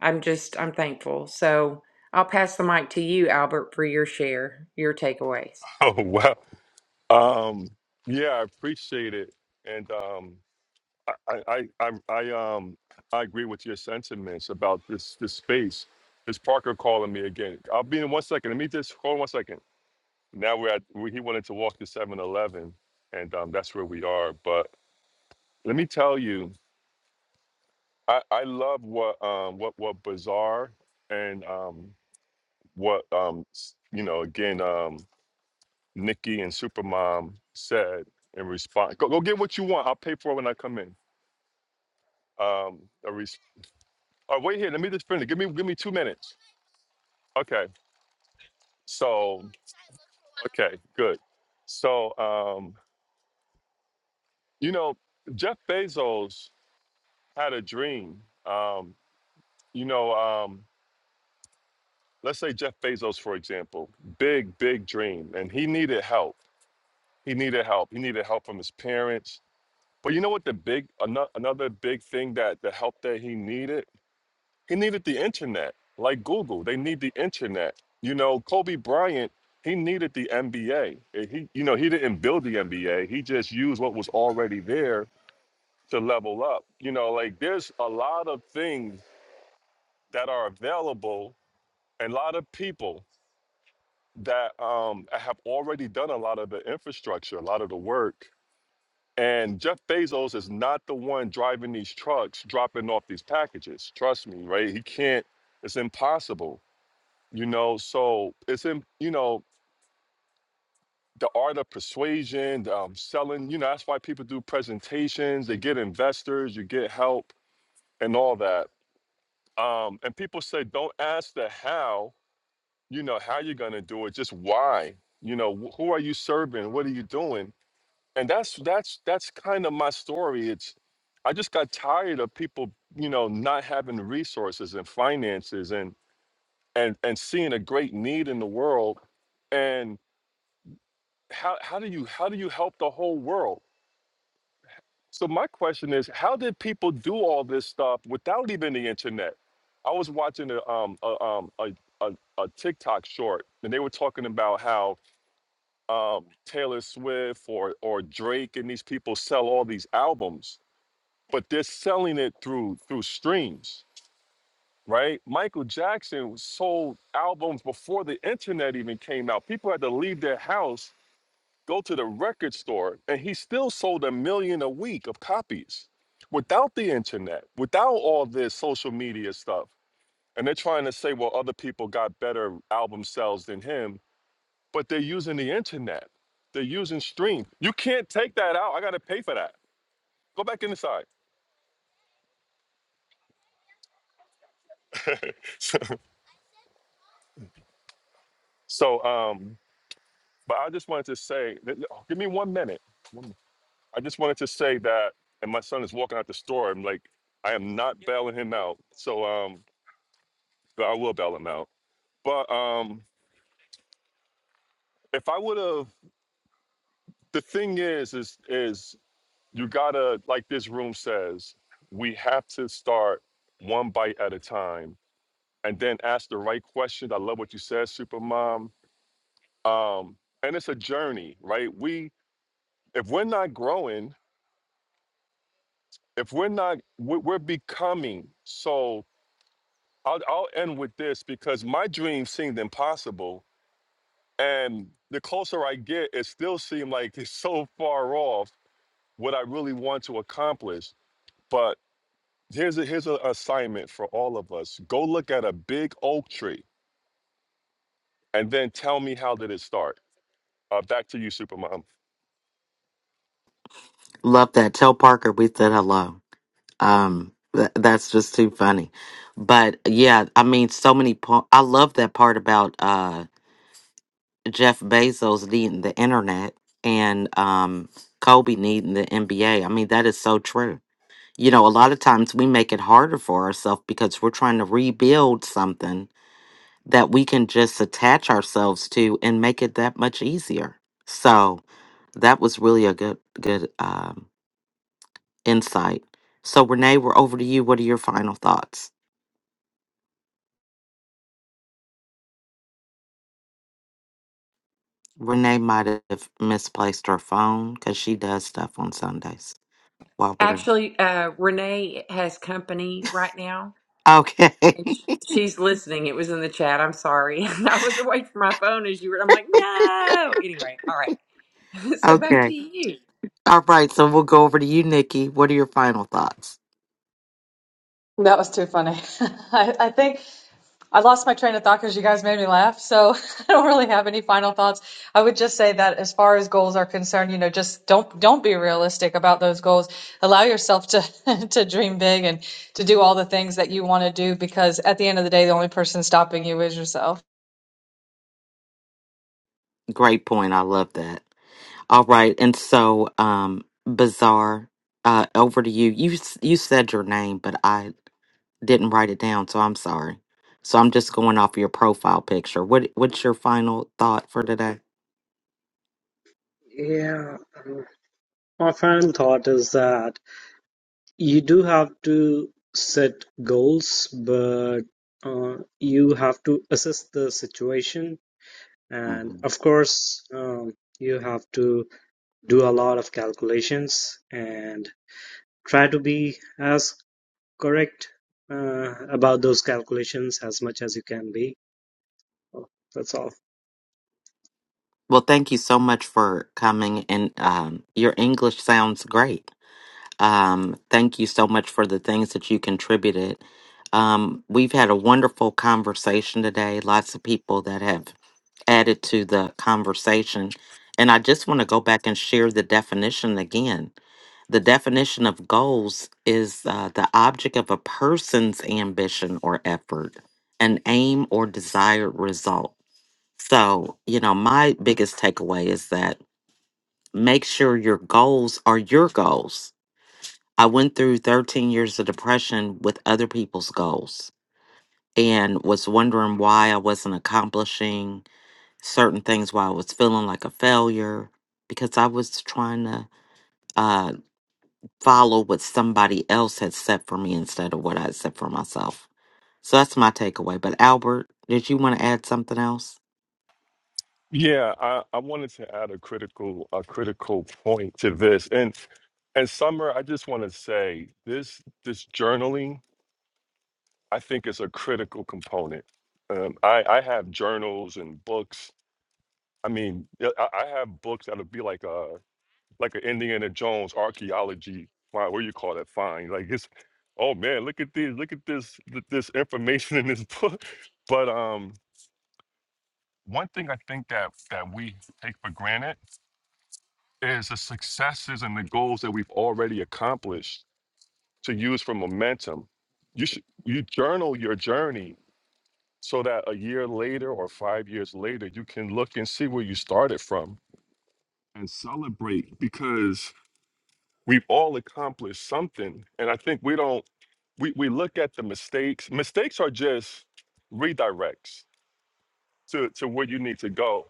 [SPEAKER 2] i'm just i'm thankful so i'll pass the mic to you albert for your share your takeaways
[SPEAKER 3] Oh wow. Um, yeah, I appreciate it. And um, I, I, I, I, um, I agree with your sentiments about this, this space. This Parker calling me again. I'll be in one second. Let me just hold on one second. Now we're at. We, he wanted to walk to Seven Eleven, and um, that's where we are. But let me tell you, I, I love what um what what Bazaar and um what um s- you know again um Nikki and Supermom said in response. Go go get what you want. I'll pay for it when I come in. Um, Oh, wait here. Let me just finish. Give me give me two minutes. Okay. So okay, good. So um, you know, Jeff Bezos had a dream. Um, you know, um, let's say Jeff Bezos, for example, big, big dream, and he needed help. He needed help. He needed help from his parents. But you know what? The big ano- another big thing that the help that he needed He needed the internet, like Google. They need the internet. You know, Kobe Bryant, he needed the NBA. And He, you know, he didn't build the NBA. He just used what was already there to level up. You know, like there's a lot of things that are available and a lot of people that um, have already done a lot of the infrastructure, a lot of the work. And Jeff Bezos is not the one driving these trucks, dropping off these packages. Trust me, right? He can't. It's impossible you know so it's in you know the art of persuasion the, um, selling you know that's why people do presentations they get investors you get help and all that um, and people say don't ask the how you know how you're going to do it just why you know wh- who are you serving what are you doing and that's that's that's kind of my story it's i just got tired of people you know not having the resources and finances and and and seeing a great need in the world and. how how do you how do you help the whole world? So my question is, how did people do all this stuff without even the internet? I was watching a um a um a, a, a TikTok short, and they were talking about how um, Taylor Swift or or Drake and these people sell all these albums, but they're selling it through through streams, right? Michael Jackson sold albums before the internet even came out. People had to leave their house go to the record store and he still sold a million a week of copies without the internet without all this social media stuff and they're trying to say well other people got better album sales than him but they're using the internet they're using stream you can't take that out i gotta pay for that go back inside so um but i just wanted to say that, oh, give me one minute One minute. i just wanted to say that and my son is walking out the store i'm like i am not bailing him out so um But I will bail him out. But um, if I would have, the thing is, is is you gotta like this room says, we have to start one bite at a time, and then ask the right questions. I love what you said, Supermom. Um, and it's a journey, right? We if we're not growing, if we're not, we're, we're becoming. So I'll, I'll end with this because my dreams seemed impossible, and the closer I get, it still seemed like it's so far off what I really want to accomplish. But here's a here's an assignment for all of us. Go look at a big oak tree and then tell me how did it start. Uh, back to you, Supermom.
[SPEAKER 1] Love that. Tell Parker we said hello. Um, th- that's just too funny. But yeah, I mean, so many. Po- I love that part about uh, Jeff Bezos needing the internet and um, Kobe needing the NBA. I mean, that is so true. You know, a lot of times we make it harder for ourselves because we're trying to rebuild something that we can just attach ourselves to and make it that much easier. So that was really a good good um, insight. So Renee, we're over to you. What are your final thoughts? Renee might have misplaced her phone because she does stuff on Sundays while we're
[SPEAKER 2] actually uh, renee has company right now
[SPEAKER 1] okay.
[SPEAKER 2] And sh- She's listening. It was in the chat. I'm sorry. I was away from my phone as you were. I'm like, no. Anyway, all right. So back to
[SPEAKER 1] okay.
[SPEAKER 2] you.
[SPEAKER 1] All right. So we'll go over to you, Nikki. What are your final thoughts?
[SPEAKER 7] That was too funny. I, I think I lost my train of thought because you guys made me laugh. So I don't really have any final thoughts. I would just say that as far as goals are concerned, you know, just don't don't be realistic about those goals. Allow yourself to to dream big and to do all the things that you want to do because at the end of the day, the only person stopping you is yourself.
[SPEAKER 1] Great point. I love that. All right, and so um, bizarre. Uh, over to you. You s- you said your name, but I didn't write it down, so I'm sorry. So I'm just going off your profile picture. What what's your final thought for today?
[SPEAKER 8] Yeah, um, my final thought is that you do have to set goals, but uh, you have to assess the situation, and
[SPEAKER 1] hmm
[SPEAKER 8] of course, um, you have to do a lot of calculations and try to be as correct uh, about those calculations as much as you can be. Well, That's all.
[SPEAKER 1] Well, thank you so much for coming, and um, your English sounds great. Um, thank you so much for the things that you contributed. Um, we've had a wonderful conversation today. Lots of people that have added to the conversation. And I just want to go back and share the definition again. The definition of goals is uh, the object of a person's ambition or effort, an aim or desired result. So, you know, my biggest takeaway is that make sure your goals are your goals. I went through 13 years of depression with other people's goals and was wondering why I wasn't accomplishing certain things where I was feeling like a failure because I was trying to uh, follow what somebody else had set for me instead of what I had set for myself. So that's my takeaway. But Albert, did you want to add something else?
[SPEAKER 3] Yeah, I, I wanted to add a critical a critical point to this. And and Summer, I just want to say this this journaling I think is a critical component. Um, I I have journals and books. I mean, yeah, I, I have books that'll be like uh, like an Indiana Jones archaeology find. What do you call that find? Like it's, oh man, look at this, look at this, th- this information in this book. But um, one thing I think that that we take for granted is the successes and the goals that we've already accomplished to use for momentum. You should you journal your journey so that a year later or five years later you can look and see where you started from and celebrate because We've all accomplished something. And I think we don't, we, we look at the mistakes. Mistakes are just redirects to, to where you need to go.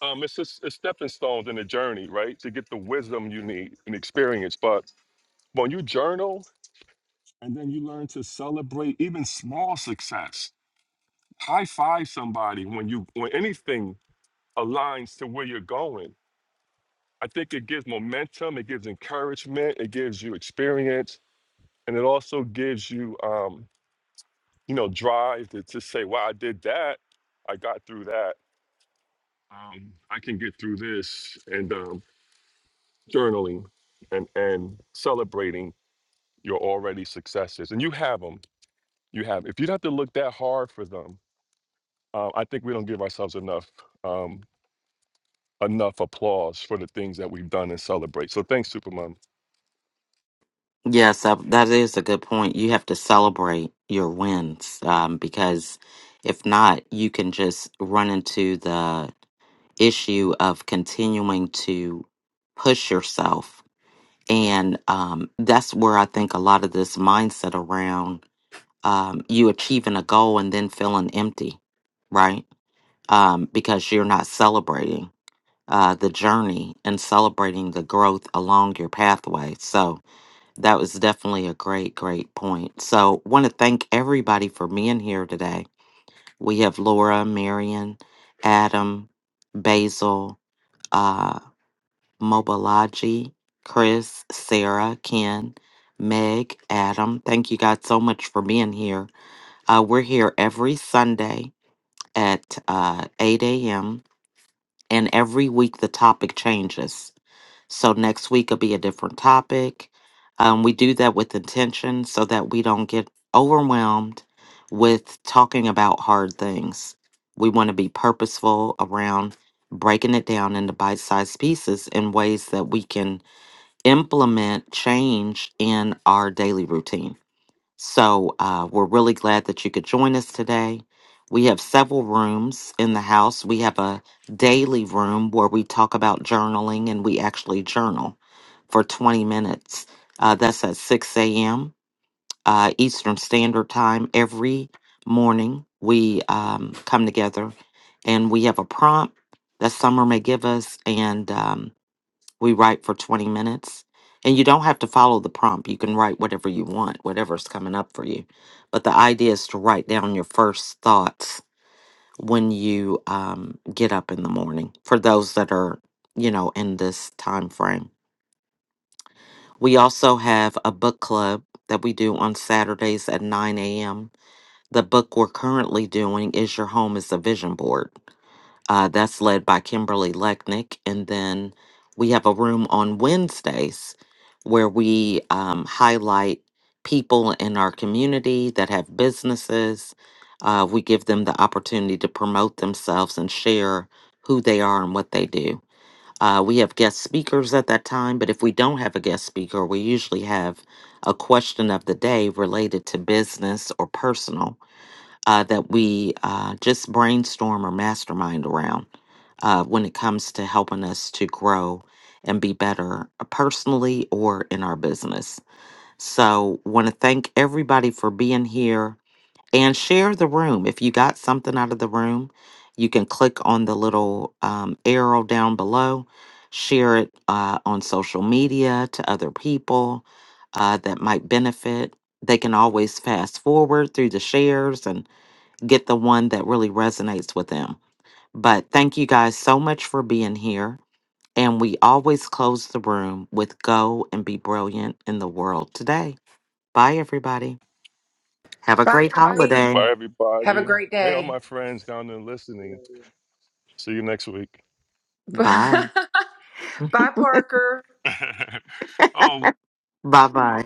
[SPEAKER 3] Um, it's just it's stepping stones in the journey, right? To get the wisdom you need and experience. But when you journal and then you learn to celebrate even small success, high five somebody when you when anything aligns to where you're going. I think it gives momentum, it gives encouragement, it gives you experience, and it also gives you um, you know, drive to just say, "Wow, I did that. I got through that. Um, I can get through this." And um, journaling and and celebrating your already successes, and you have them. You have. If you'd have to look that hard for them, uh, I think we don't give ourselves enough um, enough applause for the things that we've done and celebrate. So thanks, Supermom,
[SPEAKER 1] Yes, uh, that is a good point. You have to celebrate your wins um, because if not, you can just run into the issue of continuing to push yourself. And um, that's where I think a lot of this mindset around um, you achieving a goal and then feeling empty, right? Um, because you're not celebrating uh, the journey and celebrating the growth along your pathway. So that was definitely a great, great point. So want to thank everybody for being here today. We have Laura, Marion, Adam, Basil, uh, Mobalaji, Chris, Sarah, Ken, Meg, Adam. Thank you guys so much for being here. Uh, we're here every Sunday at uh, 8 a.m., and every week the topic changes. So next week will be a different topic. Um, we do that with intention so that we don't get overwhelmed with talking about hard things. We want to be purposeful around breaking it down into bite sized pieces in ways that we can implement change in our daily routine. So uh, we're really glad that you could join us today. We have several rooms in the house. We have a daily room where we talk about journaling and we actually journal for 20 minutes. Uh, that's at 6 a.m. Uh, Eastern Standard Time every morning. We um, come together and we have a prompt that Summer may give us, and um, we write for 20 minutes. And you don't have to follow the prompt. You can write whatever you want, whatever's coming up for you. But the idea is to write down your first thoughts when you um, get up in the morning for those that are, you know, in this time frame. We also have a book club that we do on Saturdays at 9 a.m. The book we're currently doing is Your Home is a Vision Board uh, that's led by Kimberly Lechnick. And then we have a room on Wednesdays where we um, highlight people in our community that have businesses. Uh, we give them the opportunity to promote themselves and share who they are and what they do. Uh, we have guest speakers at that time, but if we don't have a guest speaker, we usually have a question of the day related to business or personal uh, that we uh, just brainstorm or mastermind around uh, when it comes to helping us to grow and be better uh, personally or in our business. So, want to thank everybody for being here and share the room. If you got something out of the room, you can click on the little um, arrow down below, share it uh, on social media to other people uh, that might benefit. They can always fast forward through the shares and get the one that really resonates with them. But thank you guys so much for being here. And we always close the room with go and be brilliant in the world today. Bye, everybody. Have a
[SPEAKER 2] Bye,
[SPEAKER 1] great
[SPEAKER 2] everybody.
[SPEAKER 1] holiday.
[SPEAKER 3] Bye,
[SPEAKER 2] Have a
[SPEAKER 3] everybody.
[SPEAKER 2] great
[SPEAKER 3] Hey, all
[SPEAKER 2] day.
[SPEAKER 3] my friends down there listening. See you next week.
[SPEAKER 2] Bye,
[SPEAKER 1] Bye.
[SPEAKER 2] Parker.
[SPEAKER 3] oh
[SPEAKER 1] Bye bye.